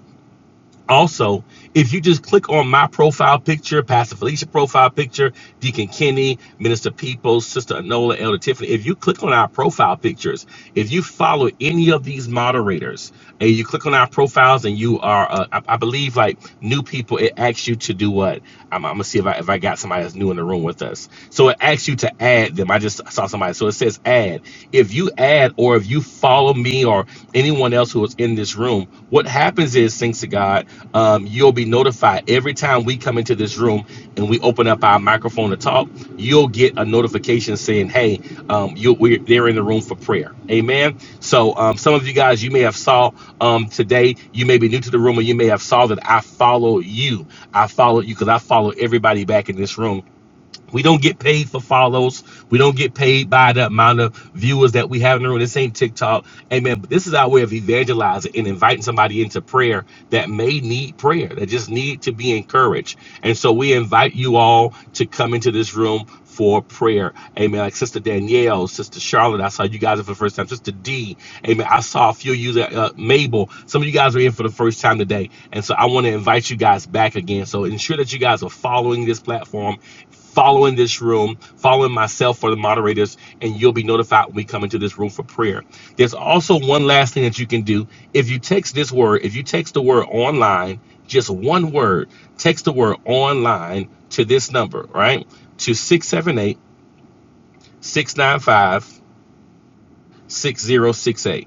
also, if you just click on my profile picture, Pastor Felicia profile picture, Deacon Kenny, Minister Peoples, Sister Anola, Elder Tiffany, if you click on our profile pictures, if you follow any of these moderators and you click on our profiles and you are, uh, I, I believe, like new people, it asks you to do what? I'm, I'm gonna see if I, if I got somebody that's new in the room with us. So it asks you to add them. I just saw somebody. So it says add. If you add had, or if you follow me or anyone else who is in this room, what happens is, thanks to God, um, you'll be notified every time we come into this room and we open up our microphone to talk. You'll get a notification saying, "Hey, um, you, we're they're in the room for prayer." Amen. So um, some of you guys, you may have saw um, today. You may be new to the room, or you may have saw that I follow you. I followed you because I follow everybody back in this room we don't get paid for follows. We don't get paid by the amount of viewers that we have in the room. This ain't TikTok. Amen. But this is our way of evangelizing and inviting somebody into prayer that may need prayer, that just need to be encouraged. And so we invite you all to come into this room for prayer. Amen. Like Sister Danielle, Sister Charlotte, I saw you guys for the first time. Sister D, amen. I saw a few of you, that, uh, Mabel. Some of you guys are in for the first time today. And so I want to invite you guys back again. So ensure that you guys are following this platform following this room, following myself or the moderators, and you'll be notified when we come into this room for prayer. There's also one last thing that you can do. If you text this word, if you text the word online, just one word, text the word online to this number, right? To 678 695 6068.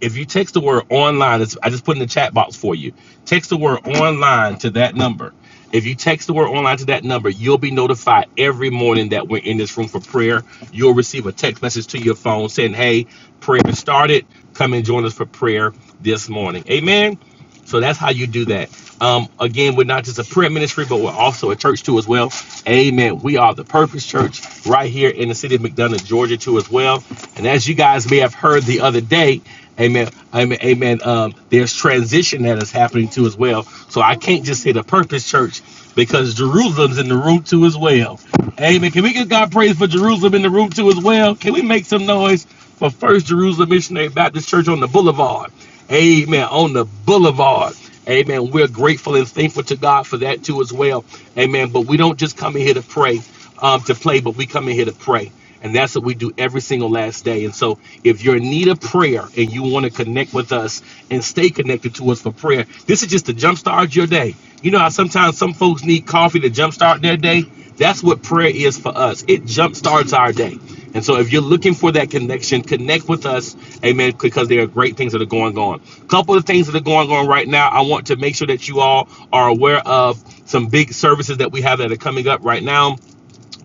If you text the word online, it's, I just put in the chat box for you. Text the word online to that number. If you text the word online to that number, you'll be notified every morning that we're in this room for prayer. You'll receive a text message to your phone saying, Hey, prayer started. Come and join us for prayer this morning. Amen. So that's how you do that. Um, again, we're not just a prayer ministry, but we're also a church too as well. Amen. We are the Purpose Church right here in the city of McDonough, Georgia too as well. And as you guys may have heard the other day, amen, amen, amen. Um, there's transition that is happening too as well. So I can't just say the Purpose Church because Jerusalem's in the room too as well. Amen. Can we give God praise for Jerusalem in the room too as well? Can we make some noise for First Jerusalem Missionary Baptist Church on the Boulevard? Amen. On the boulevard. Amen. We're grateful and thankful to God for that too as well. Amen. But we don't just come in here to pray, um, to play, but we come in here to pray. And that's what we do every single last day. And so if you're in need of prayer and you want to connect with us and stay connected to us for prayer, this is just to jumpstart your day. You know how sometimes some folks need coffee to jumpstart their day? That's what prayer is for us. It jumpstarts our day. And so if you're looking for that connection, connect with us, amen, because there are great things that are going on. A couple of things that are going on right now, I want to make sure that you all are aware of some big services that we have that are coming up right now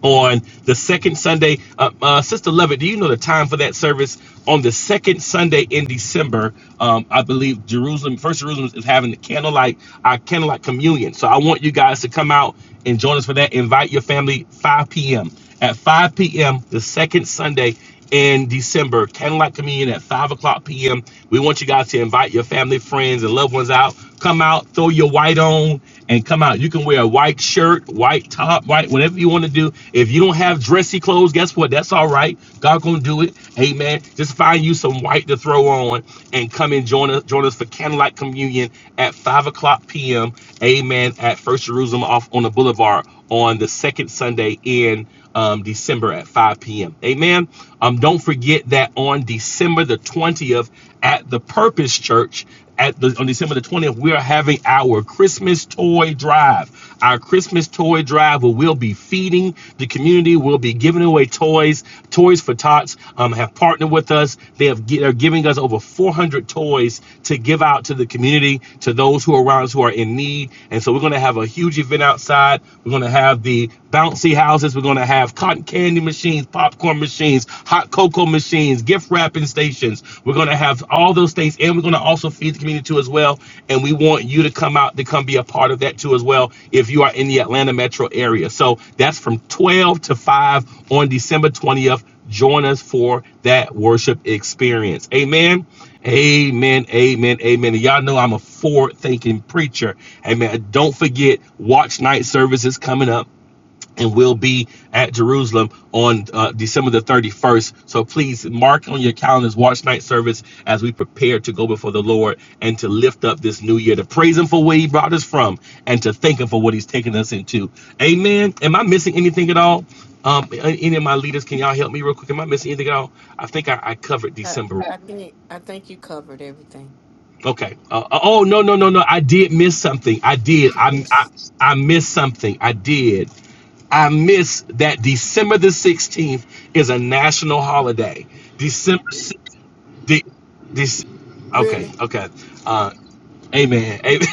on the second Sunday. Uh, uh, Sister Lovett, do you know the time for that service? On the second Sunday in December, um, I believe Jerusalem, First Jerusalem is having the candlelight, our candlelight communion. So I want you guys to come out and join us for that. Invite your family 5 p.m. At 5 p.m., the second Sunday in December. Candlelight Communion at 5 o'clock p.m. We want you guys to invite your family, friends, and loved ones out. Come out, throw your white on, and come out. You can wear a white shirt, white top, white, whatever you want to do. If you don't have dressy clothes, guess what? That's all right. God gonna do it. Amen. Just find you some white to throw on and come and join us, join us for Candlelight Communion at 5 o'clock p.m. Amen. At First Jerusalem off on the boulevard on the second Sunday in um, December at 5 p.m. Amen. Um, don't forget that on December the 20th at the Purpose Church at the on December the 20th, we are having our Christmas toy drive. Our Christmas toy drive where we'll be feeding the community. We'll be giving away toys. Toys for Tots um, have partnered with us. They have they're giving us over 400 toys to give out to the community, to those who are around us who are in need. And so we're going to have a huge event outside. We're going to have the bouncy fancy houses. We're going to have cotton candy machines, popcorn machines, hot cocoa machines, gift wrapping stations. We're going to have all those things, and we're going to also feed the community too as well. And we want you to come out to come be a part of that too as well if you are in the Atlanta metro area. So that's from 12 to 5 on December 20th. Join us for that worship experience. Amen. Amen. Amen. Amen. And y'all know I'm a forward thinking preacher. Amen. Don't forget, watch night services coming up and will be at Jerusalem on uh, December the 31st. So please mark on your calendars watch night service as we prepare to go before the Lord and to lift up this new year, to praise Him for where He brought us from and to thank Him for what He's taken us into. Amen. Am I missing anything at all? Um, any of my leaders, can y'all help me real quick? Am I missing anything at all? I think I, I covered December. Okay. Uh, uh, oh no no no no! I did miss something. I did. I I, I missed something. I did. I miss that December the 16th is a national holiday. December, si- de, Dec- okay, okay. Uh, amen. Amen.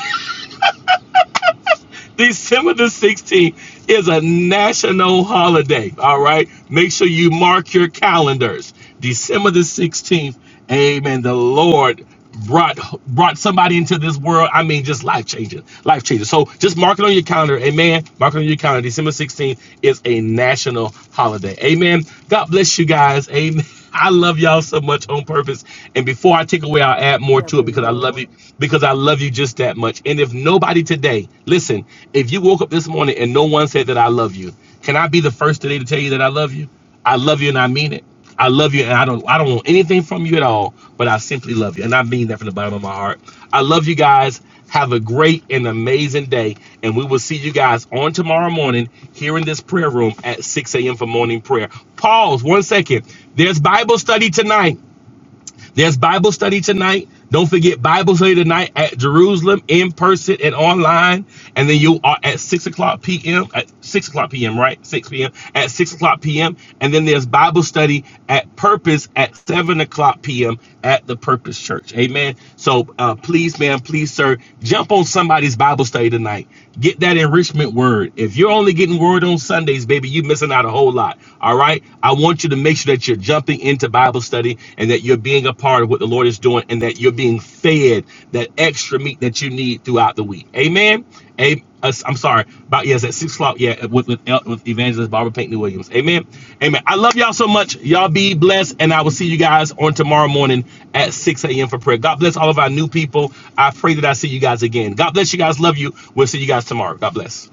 December the 16th is a national holiday. All right. Make sure you mark your calendars. December the 16th. Amen. The Lord brought brought somebody into this world. I mean, just life changing. Life changing. So just mark it on your calendar. Amen. Mark it on your calendar. December 16th is a national holiday. Amen. God bless you guys. Amen. I love y'all so much on purpose. And before I take away, I'll add more to it because I love you, because I love you just that much. And if nobody today, listen, if you woke up this morning and no one said that I love you, can I be the first today to tell you that I love you? I love you and I mean it. I love you and I don't I don't want anything from you at all, but I simply love you. And I mean that from the bottom of my heart. I love you guys. Have a great and amazing day. And we will see you guys on tomorrow morning here in this prayer room at 6 a.m. for morning prayer. Pause one second. There's Bible study tonight. There's Bible study tonight. Don't forget Bible study tonight at Jerusalem in person and online. And then you are at six o'clock p.m. at six o'clock p.m. right? Six p.m. at six o'clock p.m. And then there's Bible study at Purpose at seven o'clock p.m. at the Purpose Church. Amen. So uh, please, man, please, sir, jump on somebody's Bible study tonight. Get that enrichment word. If you're only getting word on Sundays, baby, you're missing out a whole lot. All right. All right. I want you to make sure that you're jumping into Bible study and that you're being a part of what the Lord is doing and that you're being fed that extra meat that you need throughout the week. Amen. A- I'm sorry. About yes, at six o'clock. Yeah, uh, with with, uh, with evangelist Barbara Pinkney Williams. Amen. Amen. I love y'all so much. Y'all be blessed, and I will see you guys on tomorrow morning at 6 a.m. for prayer. God bless all of our new people. I pray that I see you guys again. God bless you guys. Love you. We'll see you guys tomorrow. God bless.